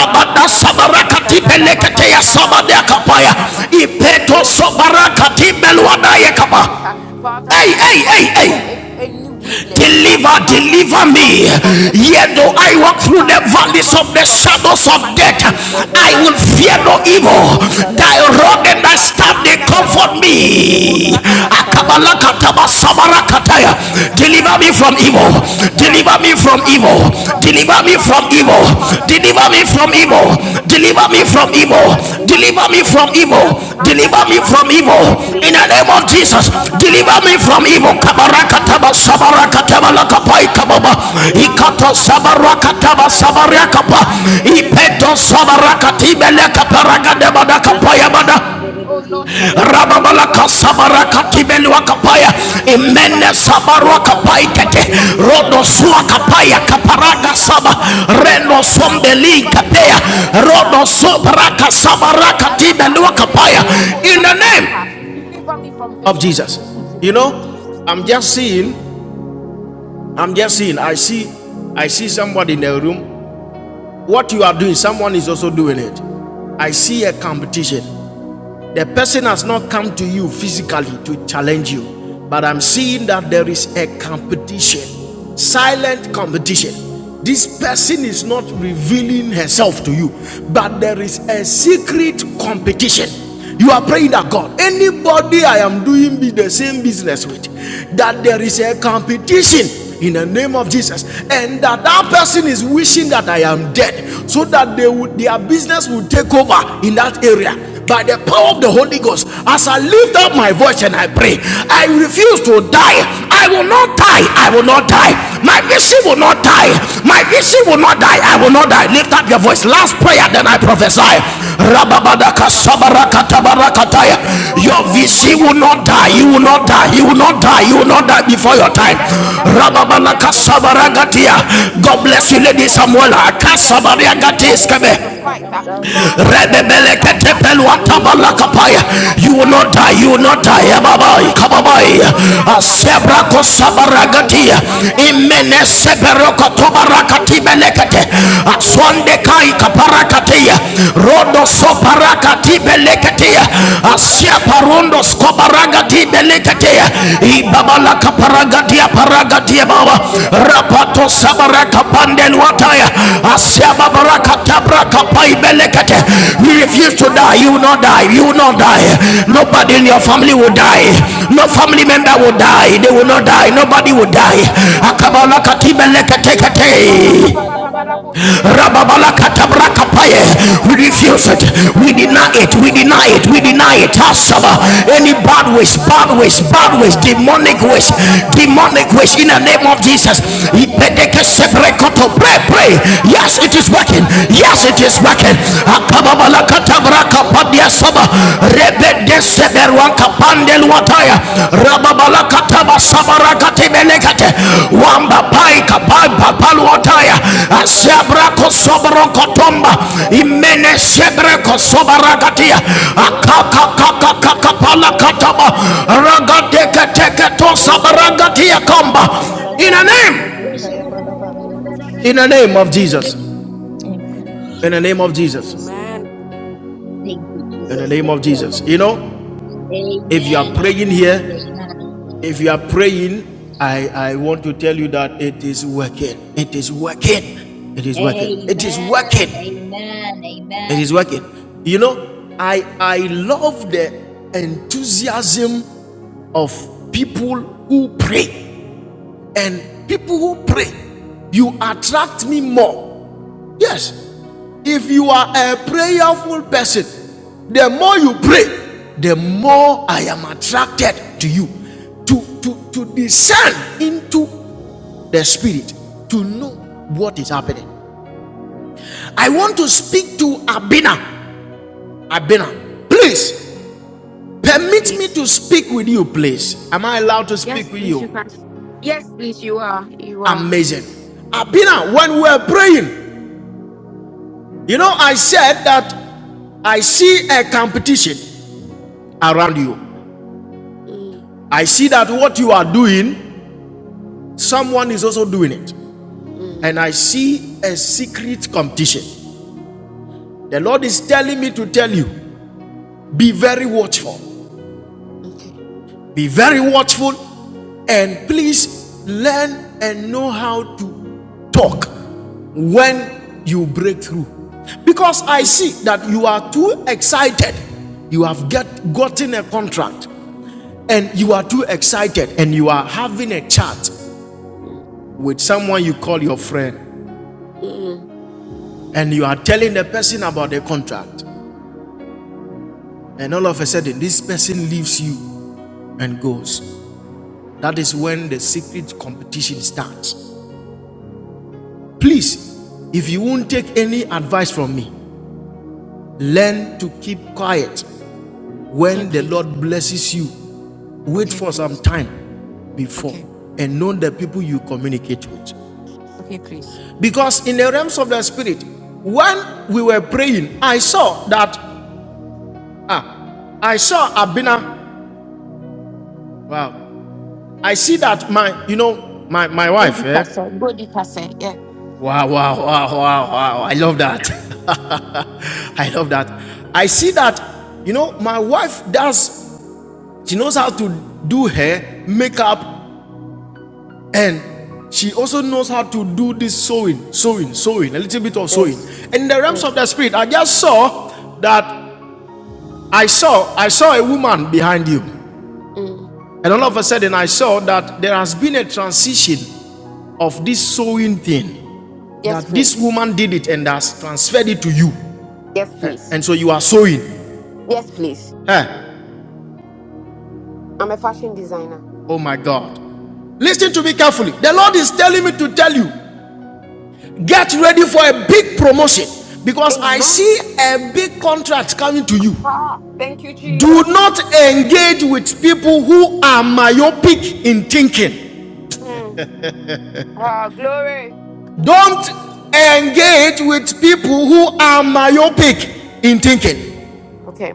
Speaker 4: Pa da da bush, da da
Speaker 1: sabarakati
Speaker 4: da da, pa pa pa
Speaker 1: peleketeya
Speaker 4: pa da bush,
Speaker 1: sabadea
Speaker 4: da da da
Speaker 1: kapaya.
Speaker 4: da, pa. Oh
Speaker 1: Ipeto
Speaker 4: Lord, deliver me,
Speaker 1: sabarakati
Speaker 4: deliver me,
Speaker 1: beluadaya
Speaker 4: King of
Speaker 1: kapa.
Speaker 4: Kings. ah. Father,
Speaker 1: Hey, hey,
Speaker 4: deliver
Speaker 1: hey,
Speaker 4: me
Speaker 1: hey.
Speaker 4: from ev- any weaknesses. ah.
Speaker 1: Deliver,
Speaker 4: Father,
Speaker 1: deliver
Speaker 4: deliver
Speaker 1: me.
Speaker 4: me from every
Speaker 1: Yet though I
Speaker 4: sickness. ah.
Speaker 1: walk through the
Speaker 4: Father,
Speaker 1: valleys
Speaker 4: deliver
Speaker 1: of
Speaker 4: me
Speaker 1: the
Speaker 4: from every
Speaker 1: shadows of
Speaker 4: premature
Speaker 1: death,
Speaker 4: death.
Speaker 6: Chisa
Speaker 4: ah.
Speaker 6: Chisada
Speaker 1: I will
Speaker 4: Father,
Speaker 1: fear
Speaker 6: Karabala
Speaker 4: deliver
Speaker 1: no
Speaker 4: me from
Speaker 1: evil.
Speaker 6: Shandesi
Speaker 1: Thy
Speaker 4: any
Speaker 6: Karabala
Speaker 1: rod
Speaker 6: Bala
Speaker 1: and
Speaker 4: evil.
Speaker 1: thy
Speaker 4: ah.
Speaker 1: staff they
Speaker 4: And
Speaker 6: Shandesi
Speaker 4: that the
Speaker 1: comfort
Speaker 4: brush,
Speaker 6: Karabaha
Speaker 4: and
Speaker 1: me.
Speaker 6: Leba Sukaya Bala
Speaker 4: the
Speaker 6: Shandesi Karabala
Speaker 1: Deliver
Speaker 6: Shand
Speaker 1: me
Speaker 4: and
Speaker 1: from
Speaker 4: the
Speaker 1: evil.
Speaker 4: Father,
Speaker 6: Lebala
Speaker 4: deliver
Speaker 6: Bala
Speaker 1: Deliver
Speaker 4: me.
Speaker 1: me
Speaker 4: uh,
Speaker 1: from
Speaker 6: Shandesi
Speaker 4: Father,
Speaker 1: evil.
Speaker 4: deliver me.
Speaker 6: Karabala
Speaker 1: Deliver
Speaker 6: Bala
Speaker 1: me
Speaker 4: Deliver
Speaker 1: from
Speaker 4: me. uh,
Speaker 1: evil.
Speaker 6: Shandesi
Speaker 4: Father,
Speaker 1: Deliver
Speaker 4: deliver
Speaker 1: me
Speaker 6: Karabala Bala
Speaker 4: me in
Speaker 1: from
Speaker 4: the
Speaker 6: Bala
Speaker 1: evil.
Speaker 4: mighty name
Speaker 6: Shand
Speaker 4: of
Speaker 1: Deliver
Speaker 4: Jesus
Speaker 1: me
Speaker 4: Christ. uh,
Speaker 1: from
Speaker 6: Lebala
Speaker 1: evil.
Speaker 4: Father, deliver me
Speaker 6: Shandesi
Speaker 1: Deliver
Speaker 4: from
Speaker 1: me from
Speaker 6: Karabala
Speaker 4: temptation. uh,
Speaker 1: evil
Speaker 4: And
Speaker 6: Shandesi
Speaker 4: that
Speaker 1: deliver
Speaker 4: the
Speaker 1: me from
Speaker 4: bus, eh,
Speaker 6: Karabaha
Speaker 4: de- de-
Speaker 1: evil
Speaker 4: de- de- de-
Speaker 1: in
Speaker 4: bo-
Speaker 1: the
Speaker 6: Leba
Speaker 1: name
Speaker 4: shada-
Speaker 1: of
Speaker 4: ba-
Speaker 1: Jesus
Speaker 6: Sukaya
Speaker 4: pa- pa-
Speaker 6: Bala
Speaker 4: pa- pa-
Speaker 1: deliver
Speaker 4: pa-
Speaker 1: me
Speaker 4: pa- da-
Speaker 1: from
Speaker 4: bo-
Speaker 6: Shandesi
Speaker 1: evil
Speaker 4: shada- da- da-
Speaker 6: Kayaba
Speaker 4: da- ba.
Speaker 1: kabarakataba
Speaker 6: Leba
Speaker 4: And de- de- de- de-
Speaker 6: Sukaya
Speaker 4: de-
Speaker 1: sabarakataba
Speaker 4: de-
Speaker 6: Bala
Speaker 4: bo-
Speaker 1: lakapai
Speaker 4: shada-
Speaker 6: Shand
Speaker 4: da- da- da-
Speaker 1: kababa
Speaker 4: ba.
Speaker 6: Le
Speaker 4: Pa- pa- pa-
Speaker 1: ikato
Speaker 4: pa- pa-
Speaker 6: balastan
Speaker 4: pa- da-
Speaker 6: de
Speaker 4: bo-
Speaker 6: si
Speaker 4: shada-
Speaker 1: sabarakataba
Speaker 4: da- da- da-
Speaker 6: karaba
Speaker 4: da-
Speaker 6: le
Speaker 4: ba.
Speaker 1: sabarakapa
Speaker 6: basu
Speaker 4: And de- de- de-
Speaker 6: kaya
Speaker 4: de- de- de- de-
Speaker 1: ipeto
Speaker 4: bo-
Speaker 6: balastan
Speaker 4: shada-
Speaker 6: de
Speaker 4: da-
Speaker 6: si kaya
Speaker 1: sabarakatibele
Speaker 4: ba.
Speaker 6: balastan de
Speaker 1: kaparagade
Speaker 6: le
Speaker 1: badakapaya bada
Speaker 6: balastan de de
Speaker 4: Oh
Speaker 6: si
Speaker 4: Lord, deliver
Speaker 6: karaba
Speaker 4: me,
Speaker 6: le
Speaker 4: deliver
Speaker 1: rababalaka
Speaker 6: basu
Speaker 4: me, ah.
Speaker 6: kaya
Speaker 4: deliver me
Speaker 1: sabarakatibelwa
Speaker 4: from
Speaker 6: balastan de
Speaker 1: kapaya
Speaker 6: si
Speaker 4: temptation, ah.
Speaker 6: kaya ba
Speaker 4: deliver
Speaker 1: imene
Speaker 4: me from
Speaker 6: le
Speaker 1: sabarwa
Speaker 4: evil, ah.
Speaker 1: kapai
Speaker 4: deliver
Speaker 6: balastan
Speaker 1: kete
Speaker 4: me
Speaker 6: de
Speaker 4: from
Speaker 6: si
Speaker 1: Rodo
Speaker 6: kaya
Speaker 4: sicknesses. ah.
Speaker 1: rodosua
Speaker 6: balastan
Speaker 4: Father,
Speaker 1: kapaya
Speaker 6: de
Speaker 4: Lord,
Speaker 6: le
Speaker 4: deliver
Speaker 1: kaparaga
Speaker 4: me
Speaker 6: balaba
Speaker 4: ah,
Speaker 1: saba
Speaker 4: from
Speaker 6: le
Speaker 4: untimely
Speaker 1: reno
Speaker 4: death, ah.
Speaker 1: sombeli
Speaker 6: balabalastan
Speaker 4: deliver
Speaker 6: de
Speaker 4: me
Speaker 6: si
Speaker 4: from
Speaker 1: kapea
Speaker 6: karaba
Speaker 4: accidents, ah.
Speaker 6: le
Speaker 4: deliver
Speaker 1: rodosobaraka
Speaker 4: me,
Speaker 6: basu
Speaker 4: ah.
Speaker 6: kaya
Speaker 4: and that the
Speaker 1: sabarakatibelwa
Speaker 6: balastan
Speaker 4: bash-
Speaker 6: de
Speaker 1: kapaya
Speaker 6: si kaya
Speaker 1: in the
Speaker 6: balastan
Speaker 1: name
Speaker 6: de.
Speaker 4: deliver me from
Speaker 1: of
Speaker 4: victim of
Speaker 1: jesus
Speaker 4: circumstance in the
Speaker 1: you
Speaker 6: Amen.
Speaker 4: name
Speaker 1: know
Speaker 4: of Jesus
Speaker 1: i'm
Speaker 4: Christ.
Speaker 1: just seeing i'm just seeing i see i see somebody in the room what you are doing someone is also doing it i see a competition The person has not come to you physically to challenge you, but I'm seeing that there is a competition, silent competition. This person is not revealing herself to you, but there is a secret competition. You are praying that God, anybody I am doing the same business with, that there is a competition in the name of Jesus. And that that person is wishing that I am dead so that they would, their business will take over in that area by the power of the Holy Ghost, as I lift up my voice and I pray, I refuse to die. I will not die. I will not die. My mission will not die. My mission she will not die. I will not die. Lift up your voice. Last prayer, then I prophesy. Rababadaka
Speaker 4: Oh
Speaker 6: Vikara
Speaker 1: sabarakatabarakataya.
Speaker 6: bala bala
Speaker 4: Lord,
Speaker 1: Your VC
Speaker 6: shande.
Speaker 4: anyone that
Speaker 1: will
Speaker 4: is in
Speaker 1: not
Speaker 4: a
Speaker 1: die.
Speaker 6: Le
Speaker 1: You will
Speaker 4: competition
Speaker 1: not
Speaker 6: bala
Speaker 4: with
Speaker 1: die.
Speaker 4: me,
Speaker 6: bala
Speaker 1: You will
Speaker 4: um,
Speaker 1: not
Speaker 6: bala
Speaker 1: die.
Speaker 6: bala
Speaker 4: that
Speaker 1: You
Speaker 4: is
Speaker 1: will not die
Speaker 4: trying to
Speaker 6: shande.
Speaker 1: before your
Speaker 4: kill me,
Speaker 1: time.
Speaker 4: that is
Speaker 6: Vikaya
Speaker 3: Thank
Speaker 4: that is
Speaker 6: bala bala.
Speaker 4: wishing death
Speaker 1: Rababalaka
Speaker 4: for me,
Speaker 6: Le
Speaker 4: wishing
Speaker 1: sabaragatia.
Speaker 4: sickness for
Speaker 1: God
Speaker 4: me,
Speaker 6: basukaya
Speaker 1: bless you,
Speaker 4: downfall
Speaker 6: bala
Speaker 1: Lady
Speaker 4: for me.
Speaker 6: bala
Speaker 4: uh,
Speaker 1: Samuela.
Speaker 6: bala
Speaker 4: in the mighty
Speaker 6: shandesi
Speaker 4: name of
Speaker 1: Kasabaragatis
Speaker 6: kara
Speaker 1: kebe.
Speaker 6: bala
Speaker 4: Jesus
Speaker 6: bala
Speaker 4: Christ, uh, Father,
Speaker 6: shandesi
Speaker 4: I will
Speaker 6: kara
Speaker 4: not
Speaker 6: baha.
Speaker 4: die. uh, my
Speaker 6: Le
Speaker 4: vision will not die. uh,
Speaker 6: basukaya
Speaker 1: You will
Speaker 6: bala
Speaker 4: my
Speaker 1: not die. You
Speaker 4: glory
Speaker 1: will
Speaker 4: will
Speaker 1: not
Speaker 4: not
Speaker 6: shandesi
Speaker 1: die.
Speaker 4: die. uh,
Speaker 6: kaya
Speaker 1: Ababai,
Speaker 6: bala
Speaker 4: my favor
Speaker 1: kababai.
Speaker 4: will
Speaker 6: shanderede
Speaker 4: not
Speaker 6: le
Speaker 4: die.
Speaker 6: bala
Speaker 4: uh,
Speaker 6: baha.
Speaker 1: Asebra
Speaker 4: oh, I shall
Speaker 6: Le
Speaker 4: not
Speaker 6: kara
Speaker 4: die. uh,
Speaker 1: kosabaragatia.
Speaker 6: bala
Speaker 4: and
Speaker 6: bala
Speaker 4: that the bus,
Speaker 1: Imene
Speaker 4: and
Speaker 6: shandesi
Speaker 4: that the
Speaker 6: kaya
Speaker 4: bus,
Speaker 1: seberoko
Speaker 6: bala
Speaker 4: and that the
Speaker 1: tobarakati
Speaker 6: shandesi
Speaker 4: bus,
Speaker 6: kara
Speaker 1: belekete.
Speaker 4: and
Speaker 6: baha. Le
Speaker 4: that the
Speaker 1: Aswande
Speaker 4: bus, Anda
Speaker 1: kai
Speaker 6: basukaya bala
Speaker 1: kaparakatia.
Speaker 6: shandesi
Speaker 1: Rodo
Speaker 4: pa
Speaker 6: kaya
Speaker 4: pa
Speaker 3: you.
Speaker 4: pa
Speaker 6: bala
Speaker 4: pa pa pa
Speaker 3: Yes,
Speaker 4: pa pa
Speaker 1: soparakati
Speaker 6: shandele
Speaker 4: bosa da
Speaker 6: bala
Speaker 4: da da
Speaker 1: belekete.
Speaker 6: baha.
Speaker 4: baha.
Speaker 6: Le
Speaker 4: Ande
Speaker 6: bala
Speaker 1: Asia
Speaker 4: de de de de de
Speaker 1: parundo
Speaker 4: de
Speaker 6: shandesi
Speaker 4: bosa
Speaker 6: kaya
Speaker 4: da da
Speaker 1: skobaragati
Speaker 6: bala
Speaker 4: baha.
Speaker 6: shandesi
Speaker 4: Anda pa
Speaker 1: Paragadia,
Speaker 4: pa
Speaker 6: bala
Speaker 4: pa pa pa
Speaker 6: baha.
Speaker 4: pa da
Speaker 1: Ibabalaka
Speaker 6: Lebasu
Speaker 4: bosa da da
Speaker 1: Paragadia,
Speaker 4: da da baha. Ande
Speaker 1: Baba,
Speaker 4: de de de de de bosa
Speaker 1: Rapato
Speaker 4: da da baha.
Speaker 1: Sabaraka
Speaker 4: Pa pa
Speaker 1: Pandel
Speaker 4: pa pa pa
Speaker 1: Wataya,
Speaker 4: pa pa pa da bosa da
Speaker 1: Asiaba
Speaker 4: da da baha.
Speaker 1: Baraka Tabra
Speaker 4: Ande de de
Speaker 1: Kapai
Speaker 4: de de de bosa da da da
Speaker 1: We
Speaker 4: baha.
Speaker 1: refuse to
Speaker 4: I
Speaker 1: die.
Speaker 4: will
Speaker 1: You will
Speaker 4: not
Speaker 1: not
Speaker 4: die.
Speaker 1: die.
Speaker 4: I
Speaker 6: Le
Speaker 1: You will
Speaker 4: will not
Speaker 6: bala
Speaker 1: not
Speaker 6: bala
Speaker 4: die.
Speaker 6: bala
Speaker 1: die.
Speaker 4: Ande
Speaker 6: shande
Speaker 1: Nobody
Speaker 4: de
Speaker 6: de
Speaker 1: in
Speaker 4: de
Speaker 1: your
Speaker 4: de
Speaker 6: de
Speaker 1: family
Speaker 6: zi kaya
Speaker 1: will
Speaker 4: bosa da da
Speaker 1: die.
Speaker 6: bala
Speaker 4: ba ba
Speaker 6: bala
Speaker 4: ba ba
Speaker 1: No
Speaker 4: da
Speaker 6: shande
Speaker 1: family
Speaker 6: zi
Speaker 4: bosa da
Speaker 1: member
Speaker 6: bala
Speaker 1: will
Speaker 4: baha.
Speaker 6: ba
Speaker 1: die.
Speaker 4: In
Speaker 1: They
Speaker 4: the
Speaker 6: le
Speaker 1: will not
Speaker 4: mighty
Speaker 1: die.
Speaker 6: basu
Speaker 4: name of
Speaker 1: Nobody
Speaker 6: kaya
Speaker 1: will
Speaker 4: Jesus
Speaker 6: bala
Speaker 1: die.
Speaker 4: Christ.
Speaker 6: shande de de Lebasukaya balasande, lebalabalasande lelezi karaba, lebasukaya balasande zikaya balasande lele lebalaba, lebalabalabalasande lelezi karabalabalasande zibalaba, lebasukaya balasande
Speaker 4: Ande
Speaker 6: lelezi
Speaker 4: de de de
Speaker 1: Akabalaka
Speaker 6: kayaba,
Speaker 4: bosa da da baha.
Speaker 6: lebalaba
Speaker 4: Papa
Speaker 1: Tibelekate.
Speaker 4: papa papa
Speaker 6: lebalabala
Speaker 4: papa busha
Speaker 3: we
Speaker 4: de
Speaker 3: shall.
Speaker 4: de de de de
Speaker 1: Rababala
Speaker 4: busha da da
Speaker 1: katabra
Speaker 4: ba
Speaker 6: Shanderezi
Speaker 4: anda
Speaker 6: Karabaha,
Speaker 1: We
Speaker 4: tapa
Speaker 1: refuse
Speaker 4: she
Speaker 1: it.
Speaker 6: Leba
Speaker 4: de de de
Speaker 1: We
Speaker 4: busha
Speaker 1: deny
Speaker 6: Sukarabala
Speaker 4: da da
Speaker 1: it.
Speaker 4: da
Speaker 1: We
Speaker 4: pa
Speaker 1: deny it.
Speaker 6: Shanderezi
Speaker 4: papa
Speaker 1: We
Speaker 4: papa
Speaker 1: deny
Speaker 4: papa
Speaker 1: it.
Speaker 6: Karabalaba,
Speaker 4: papa
Speaker 1: Asaba.
Speaker 4: busha
Speaker 6: Leba la
Speaker 4: da da da
Speaker 6: bala
Speaker 1: Any
Speaker 4: da da
Speaker 6: bala
Speaker 4: ba
Speaker 1: bad
Speaker 6: bala
Speaker 1: ways, bad
Speaker 4: anda de
Speaker 1: ways,
Speaker 4: de
Speaker 3: We
Speaker 6: Shanderezi
Speaker 4: de
Speaker 3: shall.
Speaker 4: de
Speaker 1: bad ways,
Speaker 6: Karaba,
Speaker 4: busha da ba
Speaker 1: demonic
Speaker 6: Leba la
Speaker 1: ways,
Speaker 6: bala
Speaker 4: papa papa
Speaker 6: bala
Speaker 4: papa papa
Speaker 1: demonic ways.
Speaker 4: papa
Speaker 1: In
Speaker 6: Shanderezi
Speaker 1: the
Speaker 4: busha
Speaker 1: name
Speaker 4: da
Speaker 1: of
Speaker 6: Karaba,
Speaker 4: da da ba
Speaker 1: Jesus.
Speaker 6: Leba
Speaker 4: anda
Speaker 3: We
Speaker 4: de de
Speaker 6: Sukaya
Speaker 4: de
Speaker 1: Ipedeke
Speaker 4: de
Speaker 6: bala
Speaker 3: shall.
Speaker 4: busha da da
Speaker 1: sebrekoto.
Speaker 4: da da
Speaker 1: Pray,
Speaker 6: Shanderezi
Speaker 4: ba
Speaker 1: pray.
Speaker 6: Karabala
Speaker 4: anda
Speaker 6: bala
Speaker 1: Yes,
Speaker 4: papa
Speaker 1: it
Speaker 4: papa
Speaker 1: is
Speaker 6: Shande,
Speaker 4: papa
Speaker 1: working.
Speaker 4: papa
Speaker 6: Leba
Speaker 1: Yes,
Speaker 6: la
Speaker 4: busha da
Speaker 1: it
Speaker 4: da
Speaker 6: bala
Speaker 1: is
Speaker 4: da
Speaker 6: bala
Speaker 1: working.
Speaker 4: ba anda de de
Speaker 6: Shanderezi
Speaker 4: de
Speaker 1: Akababala
Speaker 4: de de
Speaker 6: Karaba,
Speaker 4: busha
Speaker 1: katabra
Speaker 4: da da da da
Speaker 6: Leba
Speaker 1: kapadia
Speaker 6: la
Speaker 4: ba
Speaker 6: bala
Speaker 1: saba
Speaker 6: Leba la
Speaker 4: papa
Speaker 6: bala
Speaker 4: papa papa busha
Speaker 6: Shanderezi
Speaker 4: da da
Speaker 1: seberuanka
Speaker 4: ba
Speaker 6: Karaba,
Speaker 4: she de de
Speaker 1: pandel
Speaker 6: Leba
Speaker 4: busha
Speaker 1: wataya
Speaker 4: da da da
Speaker 6: Sukaya
Speaker 4: ba
Speaker 6: bala bala
Speaker 4: papa
Speaker 6: bala
Speaker 4: papa
Speaker 6: bala
Speaker 1: rababalakataba
Speaker 4: papa papa
Speaker 6: Shandezi
Speaker 4: busha da da da
Speaker 6: Karaba,
Speaker 4: ba
Speaker 1: sabarakatibelekate
Speaker 6: Leba la
Speaker 1: wamba
Speaker 6: bala bala
Speaker 1: paika
Speaker 6: Shandezi
Speaker 1: babapalu
Speaker 6: karaba.
Speaker 1: wataya
Speaker 6: Le balaba,
Speaker 1: asiabrako
Speaker 6: le bala shandere de
Speaker 1: soborokotomba
Speaker 6: zikaya
Speaker 1: imene
Speaker 6: balabala, bala shandere
Speaker 1: sebreko
Speaker 6: de zikaraba.
Speaker 1: sobarakatia
Speaker 6: Le balabala, bala shandere de zikaya
Speaker 1: akakakakakakapalakataba
Speaker 6: balabala, bala shandere zikaraba. Le balaba, le
Speaker 1: ragatekeketosabaragatía kamba
Speaker 6: balabala, bala bala
Speaker 1: in a
Speaker 6: shandere
Speaker 1: name
Speaker 6: de zikaya balaba.
Speaker 4: In the name of Jesus
Speaker 6: Jesus
Speaker 4: Christ.
Speaker 6: Christ.
Speaker 3: Russia,
Speaker 4: Amen.
Speaker 6: Amen.
Speaker 3: Thank you, Jesus.
Speaker 4: Amen.
Speaker 3: Thank you, Jesus. Thank you, Abba. Amen. Amen. Amen.
Speaker 1: I, I want to tell you that it is working. It is working. It is working. It is
Speaker 3: Amen.
Speaker 1: working.
Speaker 3: Amen.
Speaker 1: It
Speaker 3: Amen.
Speaker 1: is working. You know, I I love the enthusiasm of people who pray. And people who pray, you attract me more. Yes. If you are a prayerful person, the more you pray, the more I am attracted to you. To to to descend into the spirit, to know what is happening. I want to speak to Abena. Abena, please
Speaker 4: Yes, please. Yes, please, you can. Yes, please, you are. You are, please. Mm, mm, mm. okay. Mm, mm, mm, mm. Okay, please. Okay, please. Okay. Okay, please. Go deeper, sir. Go deeper, sir. Yeah. Yes. Yes. Mm. Yes, please. Yes, please. Yes, please. I'm a fashion designer. Amen. Ah, thank you, Jesus. Mm. Ah, glory. Thank you, Jesus. Okay.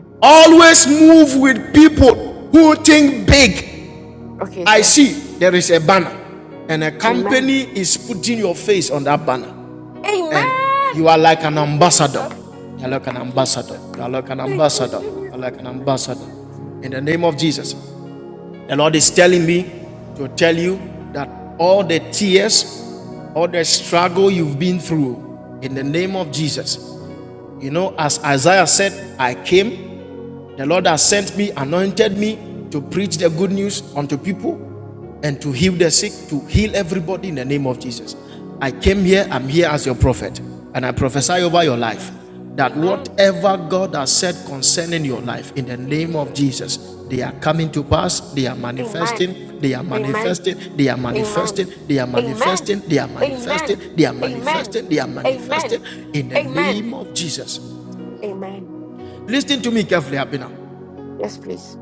Speaker 4: Okay, sir. Amen. Amen. Thank you, Jesus. Thank you, Jesus. Thank you, Jesus. Thank you. Thank you, Jesus. Amen. Jesus. Amen. Amen. Amen. Amen. Amen. Amen. Amen. Amen. Amen. Yes, please.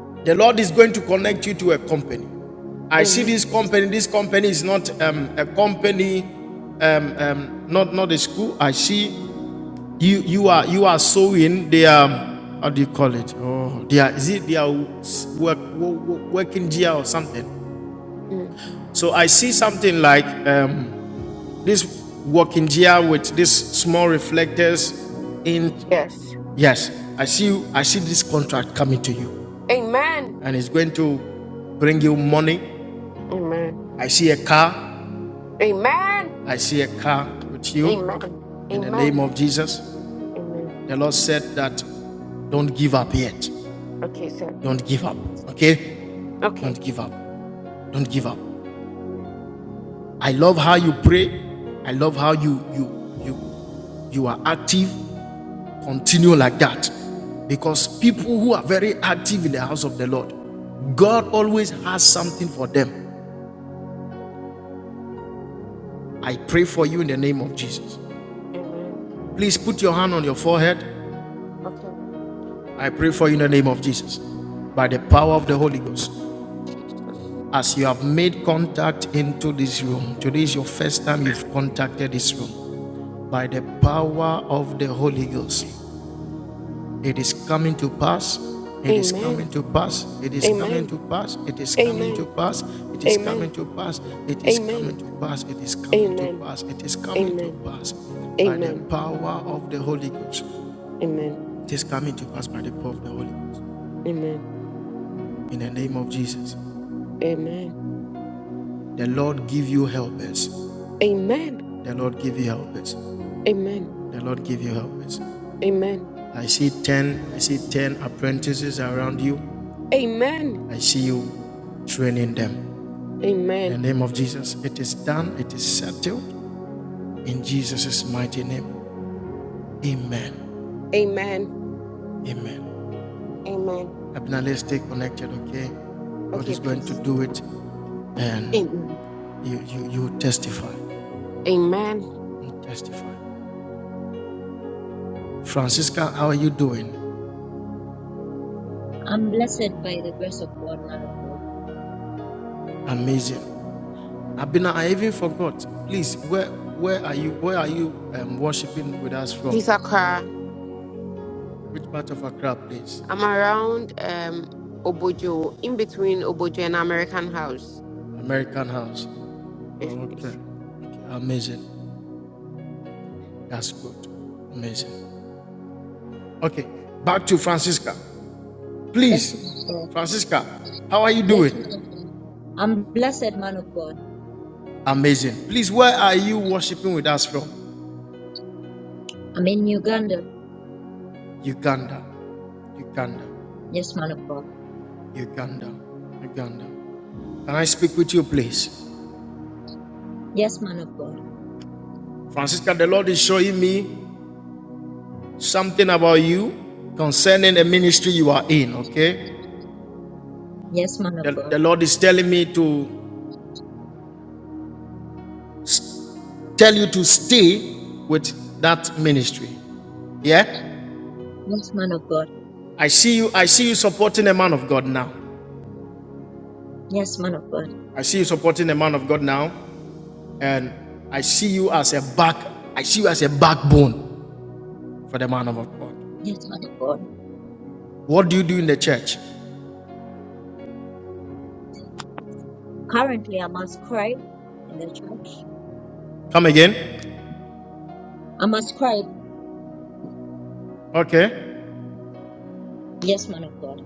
Speaker 4: Amen. Mm. Yes. Amen. Amen. Amen. Amen. Amen. Amen. Okay, sir. Okay. Amen. Okay. Amen. Jesus. Amen. Amen. Amen. Amen. Amen. Amen. Amen. Amen. Amen. Amen. Amen. Amen. Amen. Amen. Amen. Amen. Amen. Amen. Okay, please. Amen. Amen.
Speaker 3: I'm blessed by the grace of God.
Speaker 4: Please, Accra. I'm around um Obojo, in between Obojo and American House. Yes, please.
Speaker 3: Yes, man of God. Yes, man of God. I'm blessed, man of God. I'm in Uganda. Yes, man of God. Yes, man of God. Yes, man of God. Yes, man of God. Yes, man of God. Yes, man of God. Currently, I'm ascribed in the church. I'm ascribed. Yes, man of God.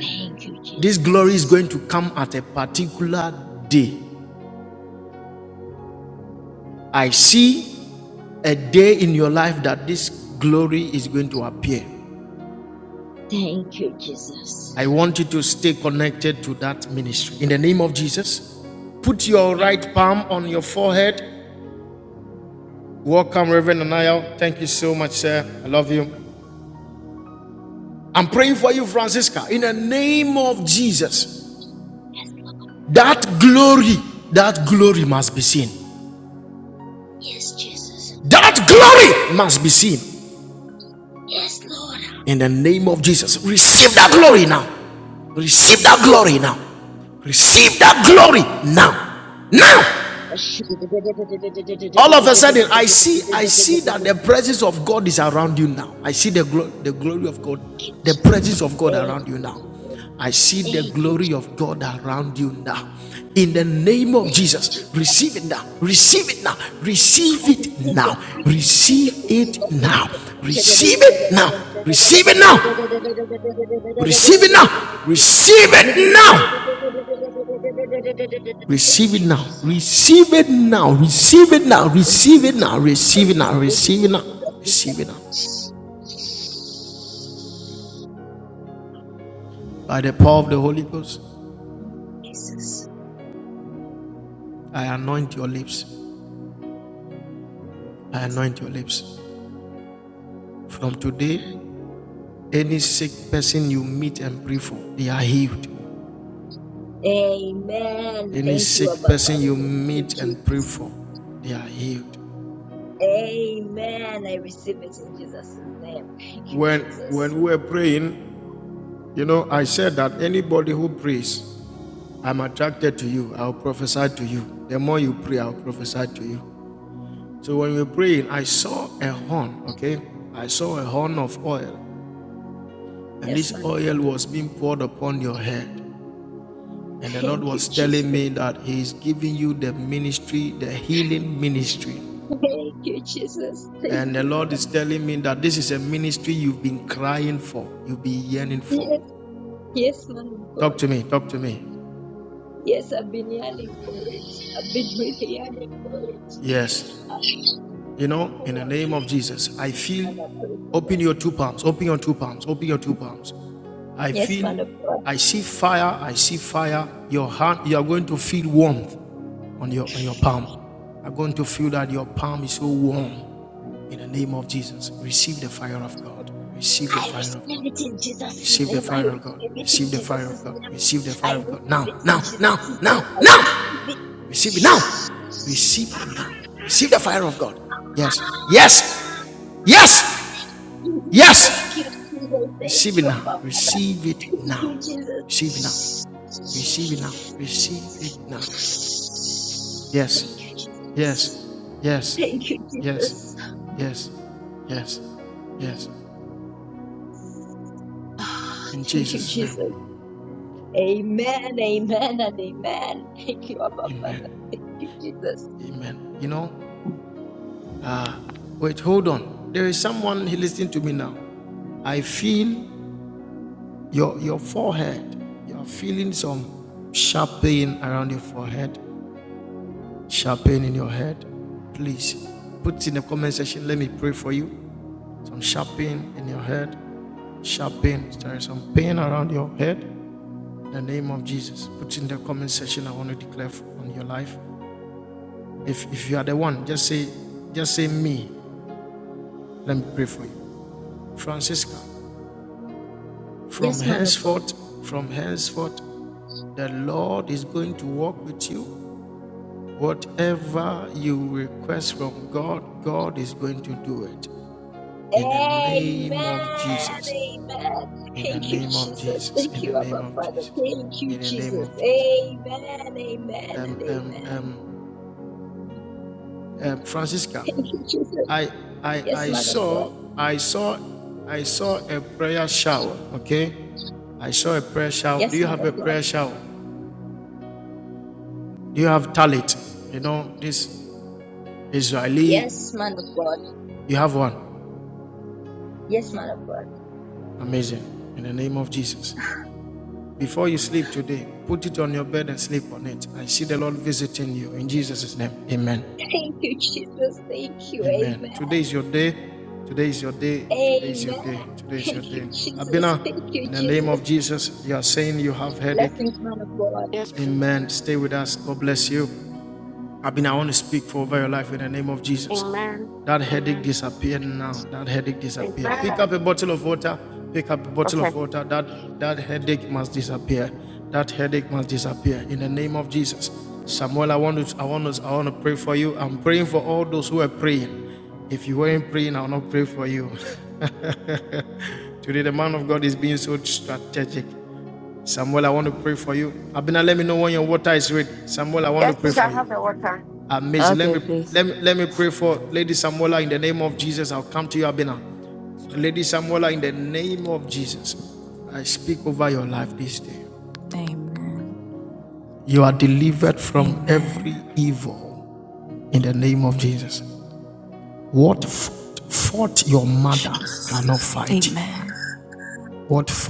Speaker 3: Thank you, Jesus. Thank you, Jesus. Yes, Jesus. Yes, Lord. I receive. it. I receive. it. Thank you, Jesus. Thank you, Jesus. Thank you, Jesus. Thank you, Jesus. I received it. I received it in Jesus' name. Thank you, Jesus. Thank you, Jesus. I was able to do that Jesus. Amen. Thank you, Abba Father. Thank you, Jesus. Amen. I receive it in Jesus' name. Thank you, Jesus. Yes, man of God. Thank you, Jesus. Thank you, Jesus. Thank you, Lord. Yes, yes, man of God. Yes, I've been yearning for it. I've been really yearning for it. I pray for that. Yes, man of God. I receive it in Jesus' name. I receive it in Jesus' name. I receive it in Jesus' name. I receive it. Ah, Jesus, thank you, Jesus. Thank you, Abba. Thank you, Jesus. Thank you. Thank you, Jesus. Thank you, Jesus. Amen, amen, and amen. Thank you, Abba Father. Thank you, Jesus. Yes, man of God. Amen. Amen. Thank you, Jesus. Thank you, Abba Father. Thank you, Jesus. Amen. Amen. And amen. Thank you, Jesus. Yes, man of God. Yes, man of God. Yes, man of God. Yes, man of God. Thank you, Jesus. Thank you. Amen. Amen. Thank you, Jesus. Thank you, Jesus. Blessings, man of God.
Speaker 4: Yes, please. Amen. Amen. Amen. Okay. Yes, please. I have the water.
Speaker 6: Okay, please. Amen. Amen. Jesus. Amen.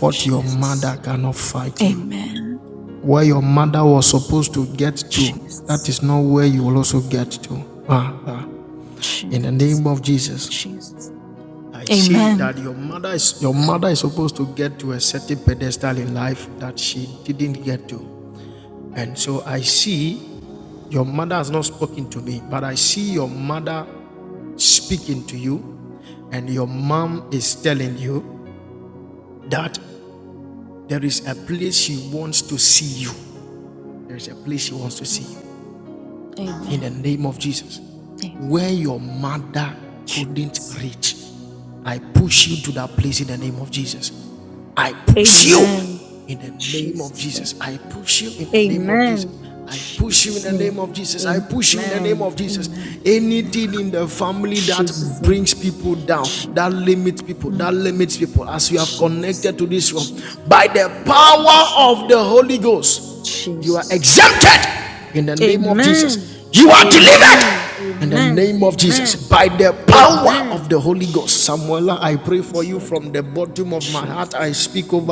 Speaker 6: Jesus. Amen. Jesus. Jesus. Jesus. Amen. Amen. Amen. Jesus.
Speaker 1: you
Speaker 6: Amen. Jesus name. Amen. Jesus name. Amen. Amen. Amen. Jesus name. Je- mm. Jesus. Jesus.
Speaker 1: you
Speaker 6: Jesus.
Speaker 1: exempted
Speaker 6: Lord. Amen.
Speaker 1: delivered
Speaker 6: Amen. Amen. Amen. Amen. Jesus. Yes, Lord. Jesus.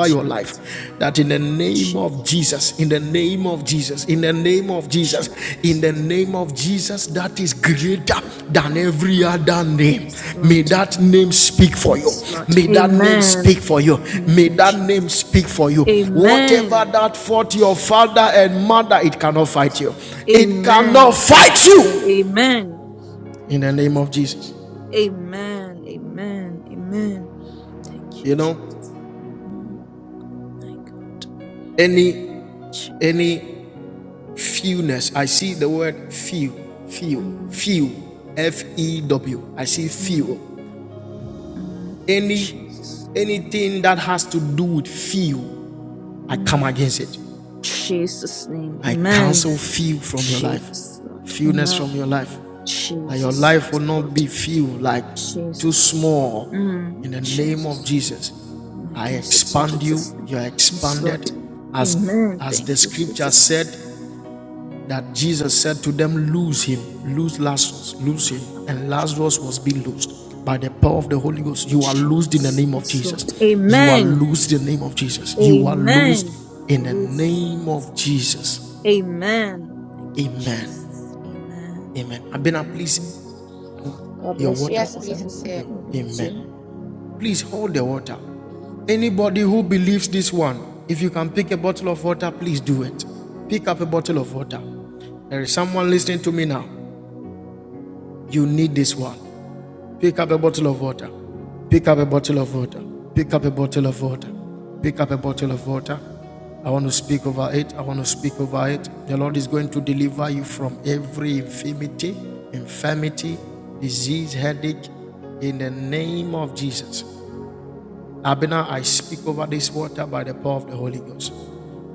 Speaker 6: Jesus. Jesus. Jesus. Yes, Lord. Yes, Lord. Amen. Thank you, Jesus. Amen. Jesus. Amen. Jesus' name. Amen. Thank you. Amen. Amen. Amen. Thank you, Jesus. Mm, my God. Jesus. Mm, mm, mm, Jesus. Mm. Jesus' name. Amen. Jesus, Lord. Amen. Jesus. yes, Lord. Jesus. Mm, Jesus. My case is in Jesus' name. Yes, Lord. Amen. Thank you, Jesus. Jesus. Yes, Lord. Amen. Amen. Loose in Jesus' name. Amen. Thank you, Jesus. Amen. Amen. God bless you,
Speaker 4: Yes,
Speaker 6: His
Speaker 4: please. It's
Speaker 6: Excellency.
Speaker 4: it.
Speaker 6: God bless you.
Speaker 4: Amen.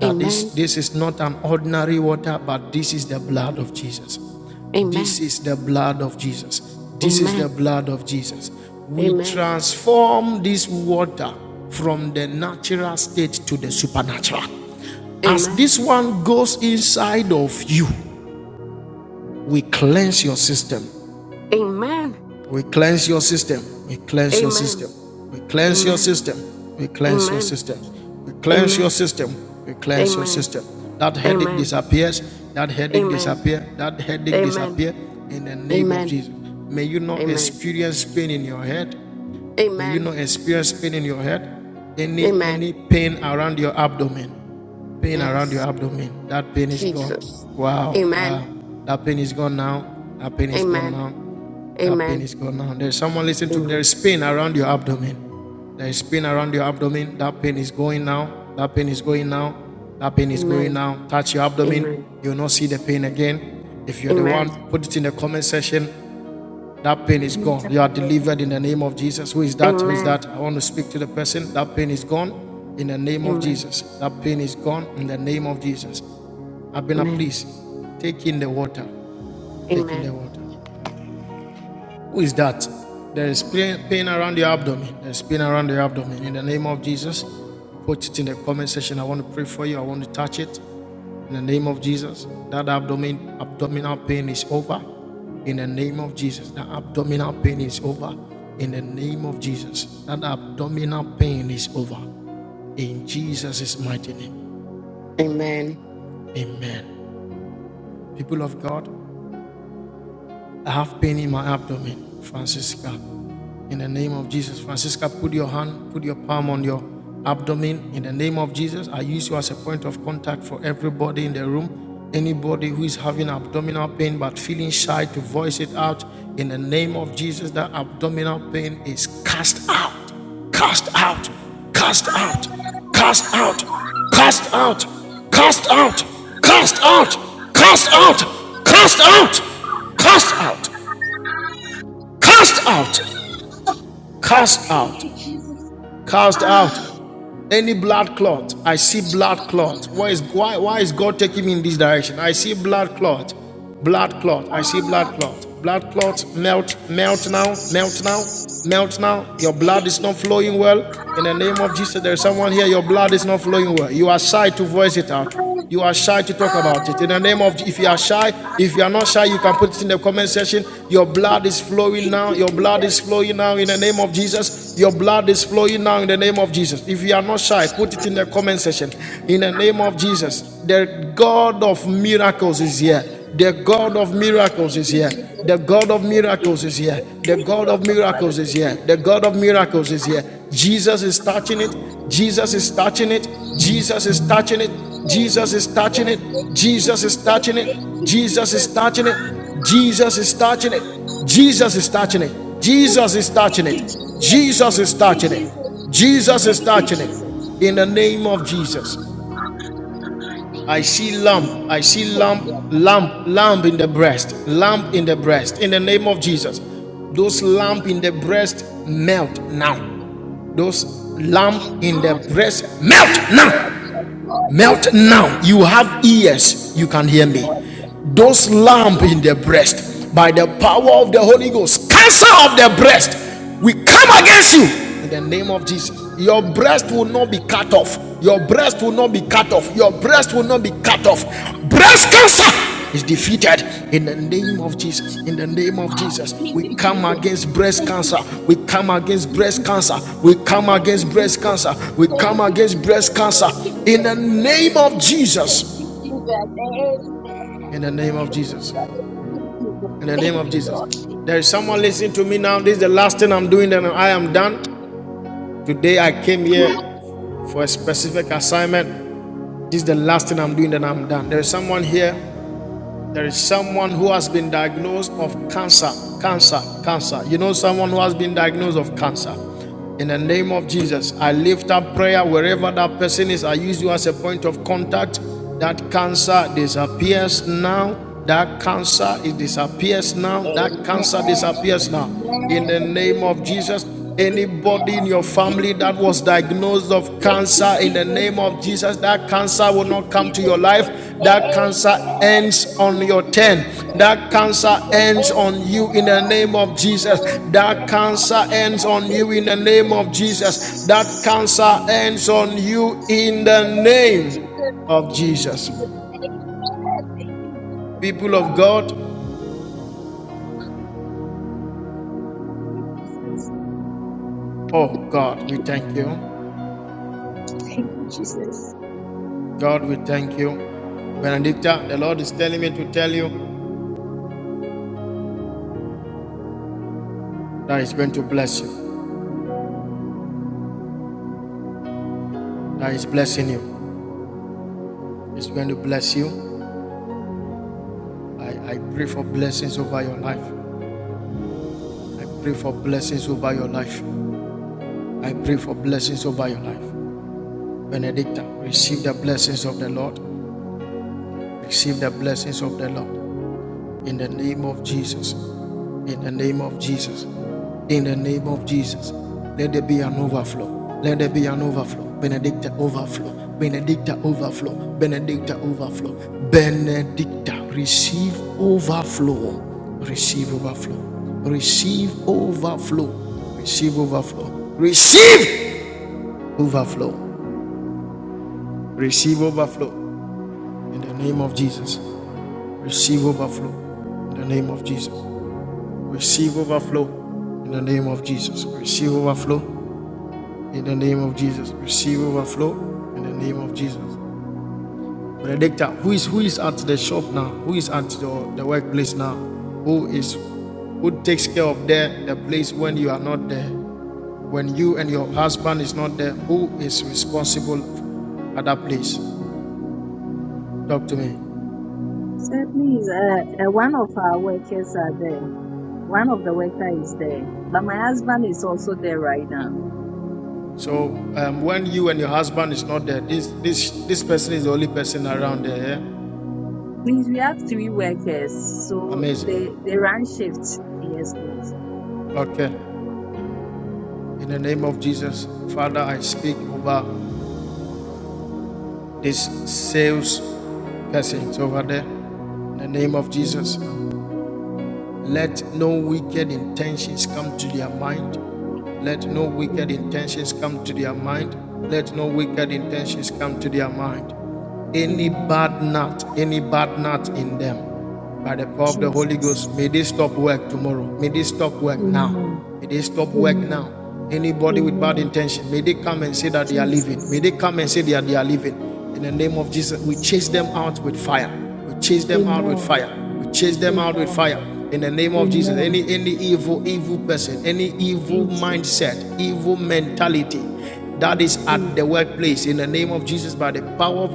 Speaker 4: Amen. Amen. Amen. Amen. Amen. Amen. Amen. Amen. Amen. Amen. Amen. Amen. Amen. Amen. Amen. Amen. Amen. Yes. Jesus. Amen. Amen. Amen. Amen. Amen. Amen. Amen. Amen. Amen. Amen. Amen. Amen. Amen.
Speaker 1: Anybody who is having abdominal pain but feeling shy to voice it out in the name of Jesus, that abdominal pain is cast out, cast out, cast
Speaker 3: Oh,
Speaker 1: out, cast out, cast out, cast out, cast out, cast out, cast out, cast out, cast out.
Speaker 3: Thank you. Thank you, Jesus. Thank you, Jesus. Thank you, Jesus. Thank you, Abba Father. Thank you, Jesus. Thank you, Jesus. Thank you, Jesus. Thank you, Jesus. Thank you, Jesus. Thank you, Jesus. Thank you, Jesus. Thank you, Jesus. Thank you, Abba.
Speaker 1: Those lump in the
Speaker 3: Lord.
Speaker 1: breast melt
Speaker 3: Yes,
Speaker 1: now,
Speaker 3: Lord. Yes, Lord. Yes, Lord. Lord. Yes, Lord. Yes,
Speaker 1: up in
Speaker 3: Lord.
Speaker 1: the breast by the power of the Holy Ghost. Cancer of the breast, we come against you in the name of Jesus. Your breast will not be cut off. Your breast will not be cut off. Your breast will not be cut off. Breast cancer is defeated in the name of Jesus. In the name of Jesus,
Speaker 3: Thank
Speaker 1: we
Speaker 3: you,
Speaker 1: come
Speaker 3: Jesus.
Speaker 1: against breast
Speaker 3: Thank
Speaker 1: cancer.
Speaker 3: you,
Speaker 1: We
Speaker 3: Jesus.
Speaker 1: come against
Speaker 3: Thank
Speaker 1: breast
Speaker 3: you,
Speaker 1: cancer. We come
Speaker 3: Thank you,
Speaker 1: against breast
Speaker 3: Jesus.
Speaker 1: cancer. We come
Speaker 3: Thank you, Jesus.
Speaker 1: against breast cancer
Speaker 3: Thank you,
Speaker 1: in the
Speaker 3: Lord. Thank
Speaker 1: name
Speaker 3: you,
Speaker 1: of
Speaker 3: Jesus.
Speaker 1: Jesus.
Speaker 3: Thank you, Jesus. Amen. Thank you, Father. Thank you, Jesus. Thank you, Lord. Amen. Amen. Amen. Amen. Thank you, Jesus. Thank you, Jesus. Thank you, Jesus. Thank you, Jesus. Amen. Thank you, Jesus. Thank you, Jesus. Amen. Amen. Amen. Thank you, Jesus. Thank you, Jesus. Thank you, Jesus. Amen. Thank you, Jesus. Thank you, Jesus.
Speaker 7: Certainly, is, uh, uh, one of our workers are there. One of the worker is there, but my husband is also there right now. Please, we have three workers, so they they run shifts. Yes, please. Amen. Amen. Amen. Amen. Jesus. Amen. Amen. Amen. Jesus. Jesus. Amen. Amen. Amen. Jesus. Jesus.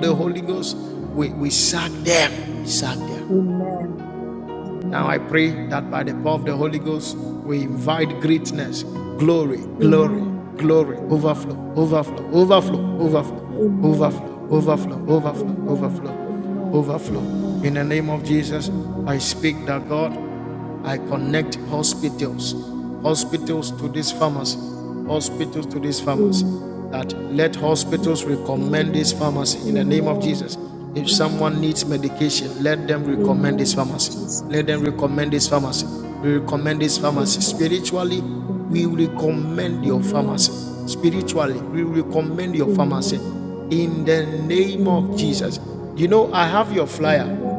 Speaker 7: Mm. Amen. Amen. Amen. Amen. Amen. Amen. Amen. Amen. Amen. Amen. Amen. Amen. Amen. Amen. Amen. Amen. Jesus. name. Amen. Amen. Amen. Amen. Amen. Amen.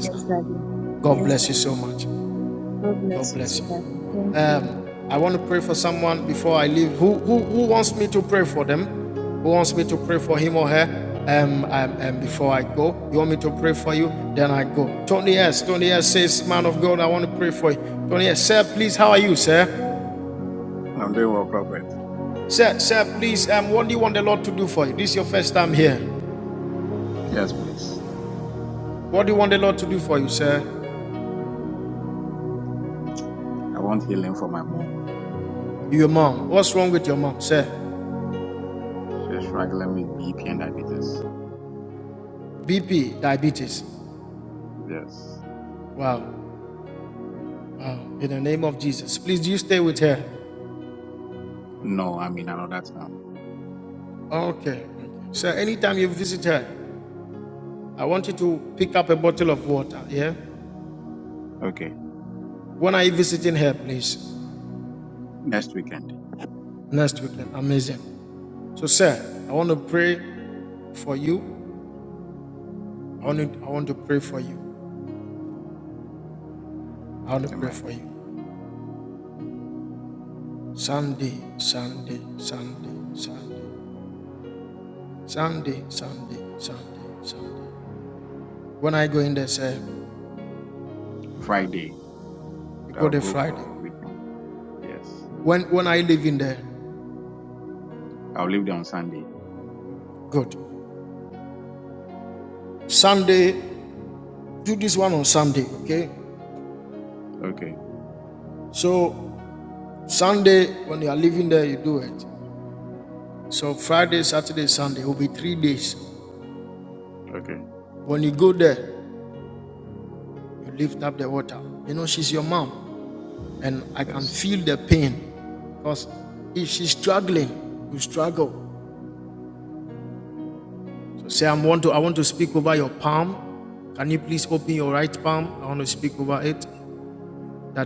Speaker 7: Yes, Daddy. Yes, Daddy. God bless you, too, Daddy. Thank you.
Speaker 8: I'm doing well, Prophet. Yes, please. I want healing for my mom. She's struggling with BP and diabetes. Yes. No, I mean another time. Okay. Next weekend. Amen. Friday. I'll go for weekend. Yes. I'll leave there on Sunday. Okay. Okay. Yes.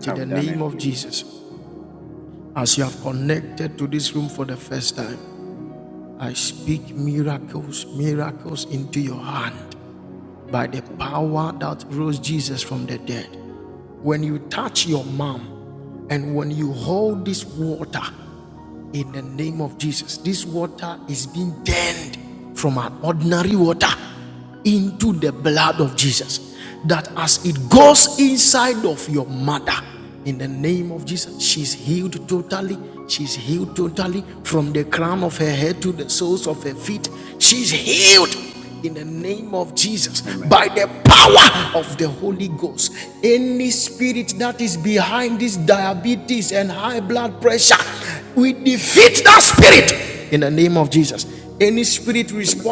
Speaker 8: I've done it, please. Amen. Amen. Amen. Amen.
Speaker 1: spirit.
Speaker 8: Amen.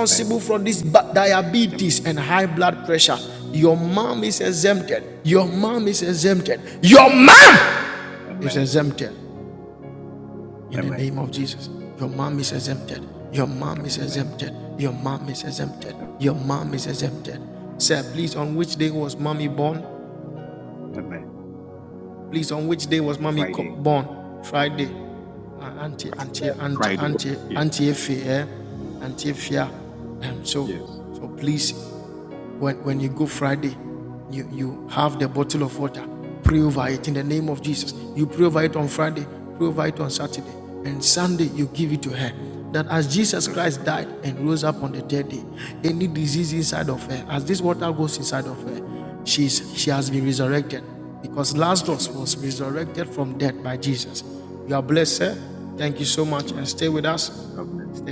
Speaker 8: Amen. Amen. Amen. Amen. Amen. Amen. Friday. Friday. Yes. Yes. Okay, perfect. Amen. Amen. God bless you.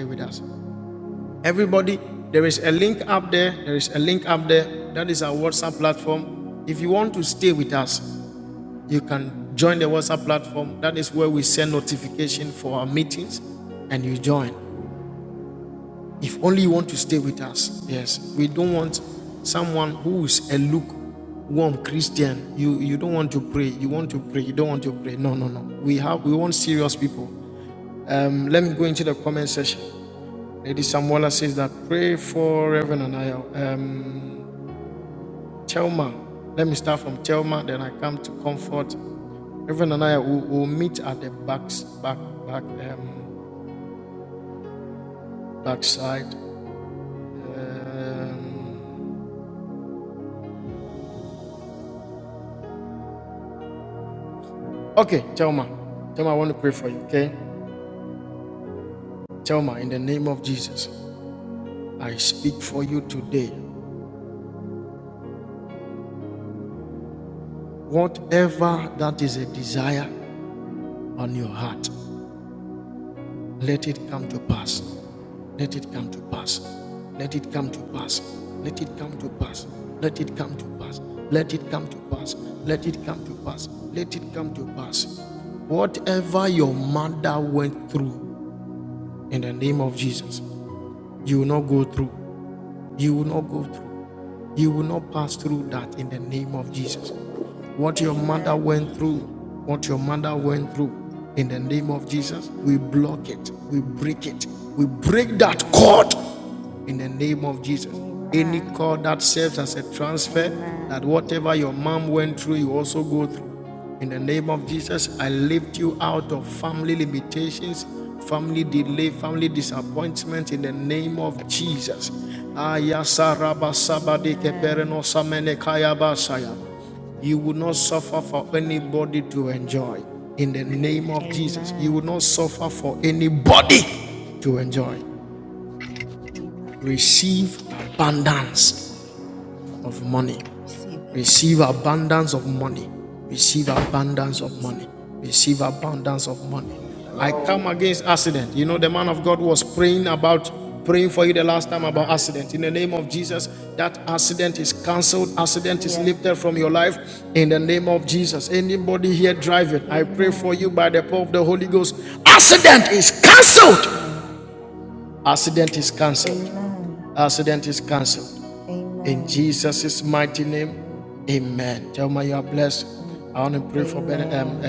Speaker 2: Amen. Amen. Amen. Amen. Jesus' name. Amen. Amen. Amen. Receive it. I receive it in Jesus' name. Hello. Amen. Right. Yes. Amen. Jesus' name. Amen. Amen. Amen. Mm. Amen.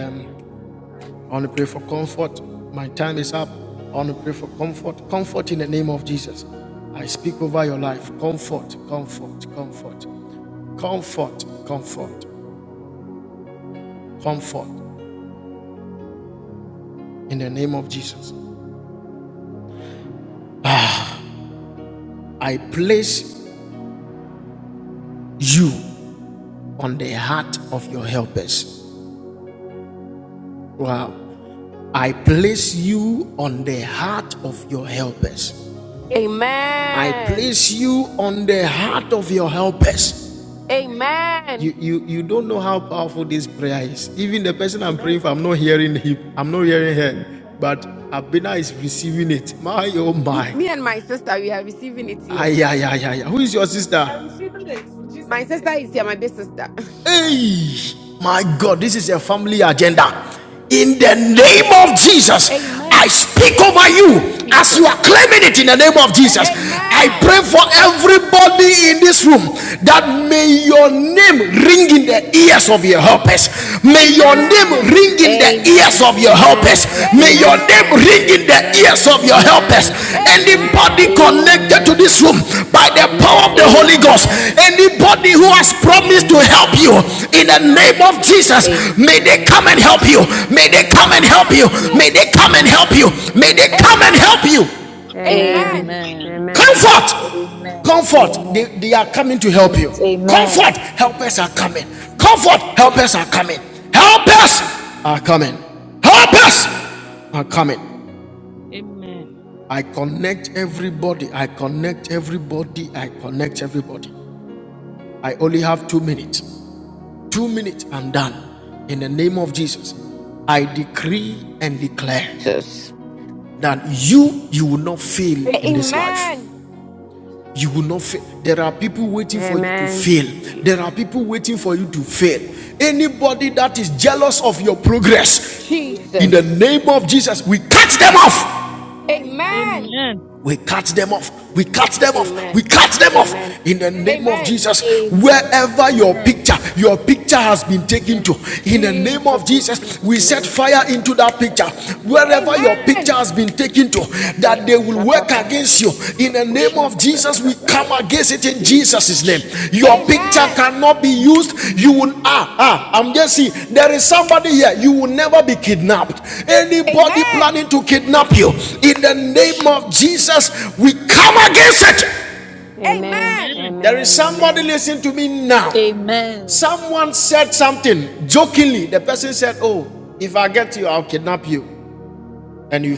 Speaker 4: Amen.
Speaker 5: Amen.
Speaker 4: Amen.
Speaker 1: I'm not hearing here, but Abena is receiving it. My oh
Speaker 4: Me,
Speaker 1: my.
Speaker 4: me and my sister, we are receiving it here.
Speaker 1: Ay, ay, ay, ay, ay. Who is your sister?
Speaker 4: My sister is here, my big sister.
Speaker 1: Hey, my God, this is a family agenda. In the name of Jesus, I
Speaker 4: Amen.
Speaker 1: speak over you as you are
Speaker 4: Jesus.
Speaker 1: claiming it in the name of Jesus. I
Speaker 4: Amen.
Speaker 1: pray for everybody in this room that may
Speaker 4: Jesus.
Speaker 1: your name ring in the ears of your helpers. May your name
Speaker 9: Amen.
Speaker 1: ring
Speaker 4: Amen.
Speaker 1: in the ears ears of
Speaker 6: Amen.
Speaker 1: your
Speaker 9: Amen.
Speaker 1: helpers.
Speaker 9: I
Speaker 6: In
Speaker 1: May
Speaker 9: receive
Speaker 1: your
Speaker 9: it.
Speaker 6: Jesus'
Speaker 1: name
Speaker 6: name.
Speaker 4: Amen.
Speaker 1: ring in the ears of your
Speaker 6: Amen.
Speaker 1: helpers.
Speaker 9: Amen.
Speaker 6: Jesus.
Speaker 1: Anybody
Speaker 9: Amen.
Speaker 4: Amen.
Speaker 1: connected to this room
Speaker 6: Amen.
Speaker 1: by the
Speaker 4: Jesus.
Speaker 1: power of the
Speaker 9: Amen.
Speaker 1: Holy Ghost,
Speaker 6: Amen.
Speaker 1: anybody who
Speaker 6: Amen.
Speaker 1: has promised to
Speaker 6: Amen.
Speaker 1: help you
Speaker 9: Amen.
Speaker 6: Amen.
Speaker 1: in the name
Speaker 6: Amen.
Speaker 9: Amen. Amen.
Speaker 4: Thank
Speaker 1: of
Speaker 4: you.
Speaker 1: Jesus,
Speaker 4: Jesus.
Speaker 1: may
Speaker 6: Amen.
Speaker 1: they come and
Speaker 9: Amen.
Speaker 1: help
Speaker 6: Jesus.
Speaker 1: you.
Speaker 4: Jesus' name.
Speaker 1: May they come and
Speaker 9: Amen.
Speaker 1: help
Speaker 4: Amen.
Speaker 1: you. May they
Speaker 6: Jesus.
Speaker 1: come
Speaker 6: name.
Speaker 1: and help you.
Speaker 9: Amen.
Speaker 1: May they
Speaker 9: Amen.
Speaker 1: come and help
Speaker 4: Amen.
Speaker 1: you.
Speaker 9: Amen.
Speaker 4: Amen.
Speaker 6: Amen.
Speaker 4: Thank you,
Speaker 9: Amen. Amen.
Speaker 4: Jesus.
Speaker 1: Comfort.
Speaker 6: Amen.
Speaker 1: Comfort.
Speaker 4: Amen.
Speaker 1: They,
Speaker 6: Amen.
Speaker 1: they are coming to help
Speaker 6: Receive
Speaker 1: you.
Speaker 6: it. Amen.
Speaker 1: Comfort. Helpers are coming. Comfort. Helpers are coming. Helpers are coming. Helpers are coming.
Speaker 5: Amen.
Speaker 1: I connect everybody. I connect everybody. I connect everybody. I only have two minutes. Two minutes. I'm done. In the name of Jesus, I decree and declare
Speaker 4: Jesus.
Speaker 1: that you you will not fail in this life
Speaker 4: Amen.
Speaker 1: You will not fail. There are people waiting for you to
Speaker 9: Amen.
Speaker 1: fail. There are
Speaker 4: Jesus.
Speaker 1: people waiting for you to fail. Anybody that is jealous of your progress, in the
Speaker 4: Jesus.
Speaker 1: name of Jesus, we cut them off.
Speaker 4: Amen.
Speaker 1: We cut them off. We cut them off. We
Speaker 4: Amen.
Speaker 1: cut them
Speaker 4: Amen.
Speaker 1: off. In the name of
Speaker 4: Amen.
Speaker 1: Jesus,
Speaker 6: Amen.
Speaker 1: wherever your
Speaker 4: Amen.
Speaker 6: Amen.
Speaker 1: picture, your picture has been taken
Speaker 6: Amen.
Speaker 1: to, in
Speaker 6: Amen.
Speaker 1: the name of
Speaker 4: Jesus in
Speaker 1: Jesus,
Speaker 4: Jesus'
Speaker 1: we set
Speaker 4: name.
Speaker 1: fire into that picture.
Speaker 4: Ba-ba-da-bo-sha-da-da.
Speaker 1: Wherever your picture
Speaker 4: Amen.
Speaker 1: has been taken to, that they will work against you. In in the name of
Speaker 6: Jesus.
Speaker 1: Jesus, we
Speaker 4: Ba-da-bo-sha-da-da-da-da-da-da-bo-sha-da-da-da-da-da.
Speaker 1: come against it in
Speaker 4: Jesus.
Speaker 1: Jesus' name. Your
Speaker 6: Jesus.
Speaker 1: picture
Speaker 4: Amen.
Speaker 1: cannot be used. You will ah ah. I'm just
Speaker 4: Jesus.
Speaker 1: seeing there is somebody here. You will never be kidnapped. Anybody
Speaker 4: Amen.
Speaker 1: planning to kidnap you in the name of
Speaker 6: Jesus.
Speaker 1: Jesus, we come against it.
Speaker 9: Amen.
Speaker 4: Amen.
Speaker 9: Amen.
Speaker 1: Someone listen to me now.
Speaker 6: Amen.
Speaker 1: Someone said something jokingly. The person said, "Oh, if I get you, I'll kidnap you."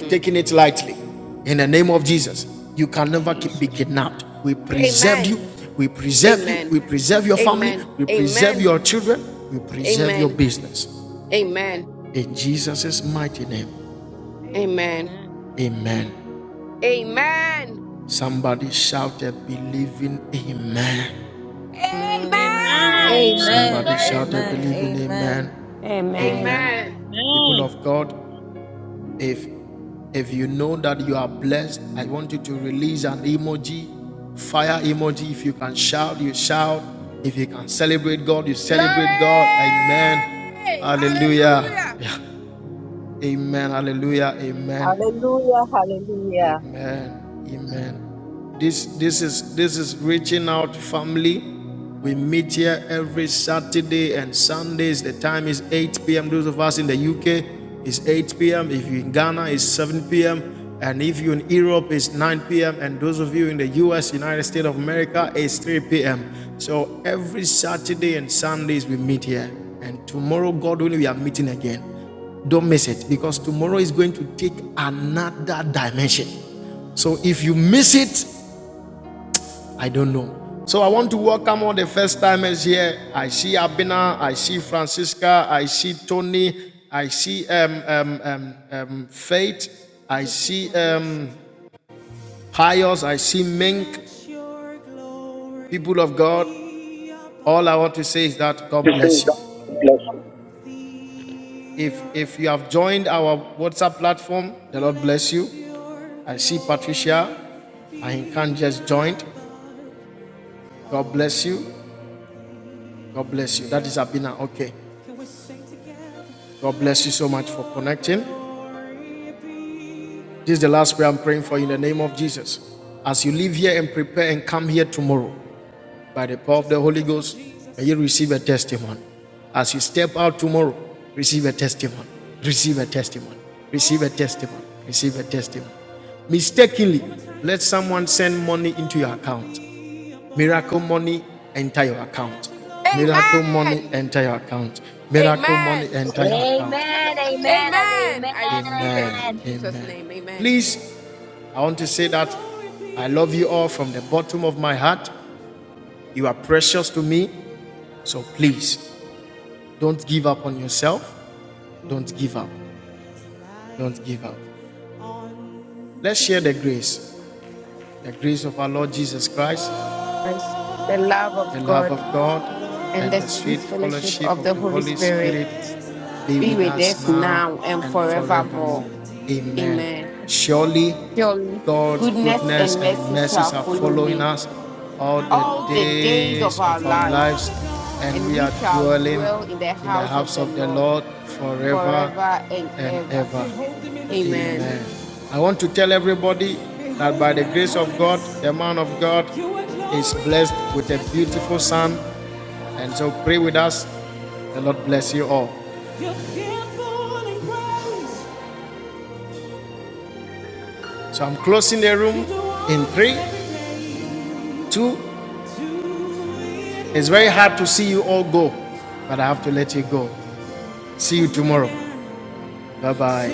Speaker 4: Mm, Jesus. Amen. Amen. Amen. Amen. Amen.
Speaker 1: business.
Speaker 4: Amen. Amen. Amen. Amen.
Speaker 5: Amen.
Speaker 6: Amen. Amen.
Speaker 9: Amen.
Speaker 6: Amen.
Speaker 9: Amen. Amen.
Speaker 4: Amen. Glory. Hallelujah.
Speaker 7: Hallelujah, hallelujah.
Speaker 1: Still, mistakenly, let someone into your account. Miracle money enter your account. Miracle
Speaker 4: Amen.
Speaker 1: money enter your account. Miracle money
Speaker 4: Amen.
Speaker 1: enter your account.
Speaker 4: Amen. I receive it in Jesus' name. Amen.
Speaker 1: I love you
Speaker 4: Christ, The love of God and the sweet fellowship of the Holy Spirit be with us now and forevermore. Amen. Surely goodness and mercy shall follow me all the days of our lives, and we shall dwell in the house of the Lord forever and ever. Amen.
Speaker 1: It's very hard to see you all go, but I have to let you go. See you tomorrow. Bye bye.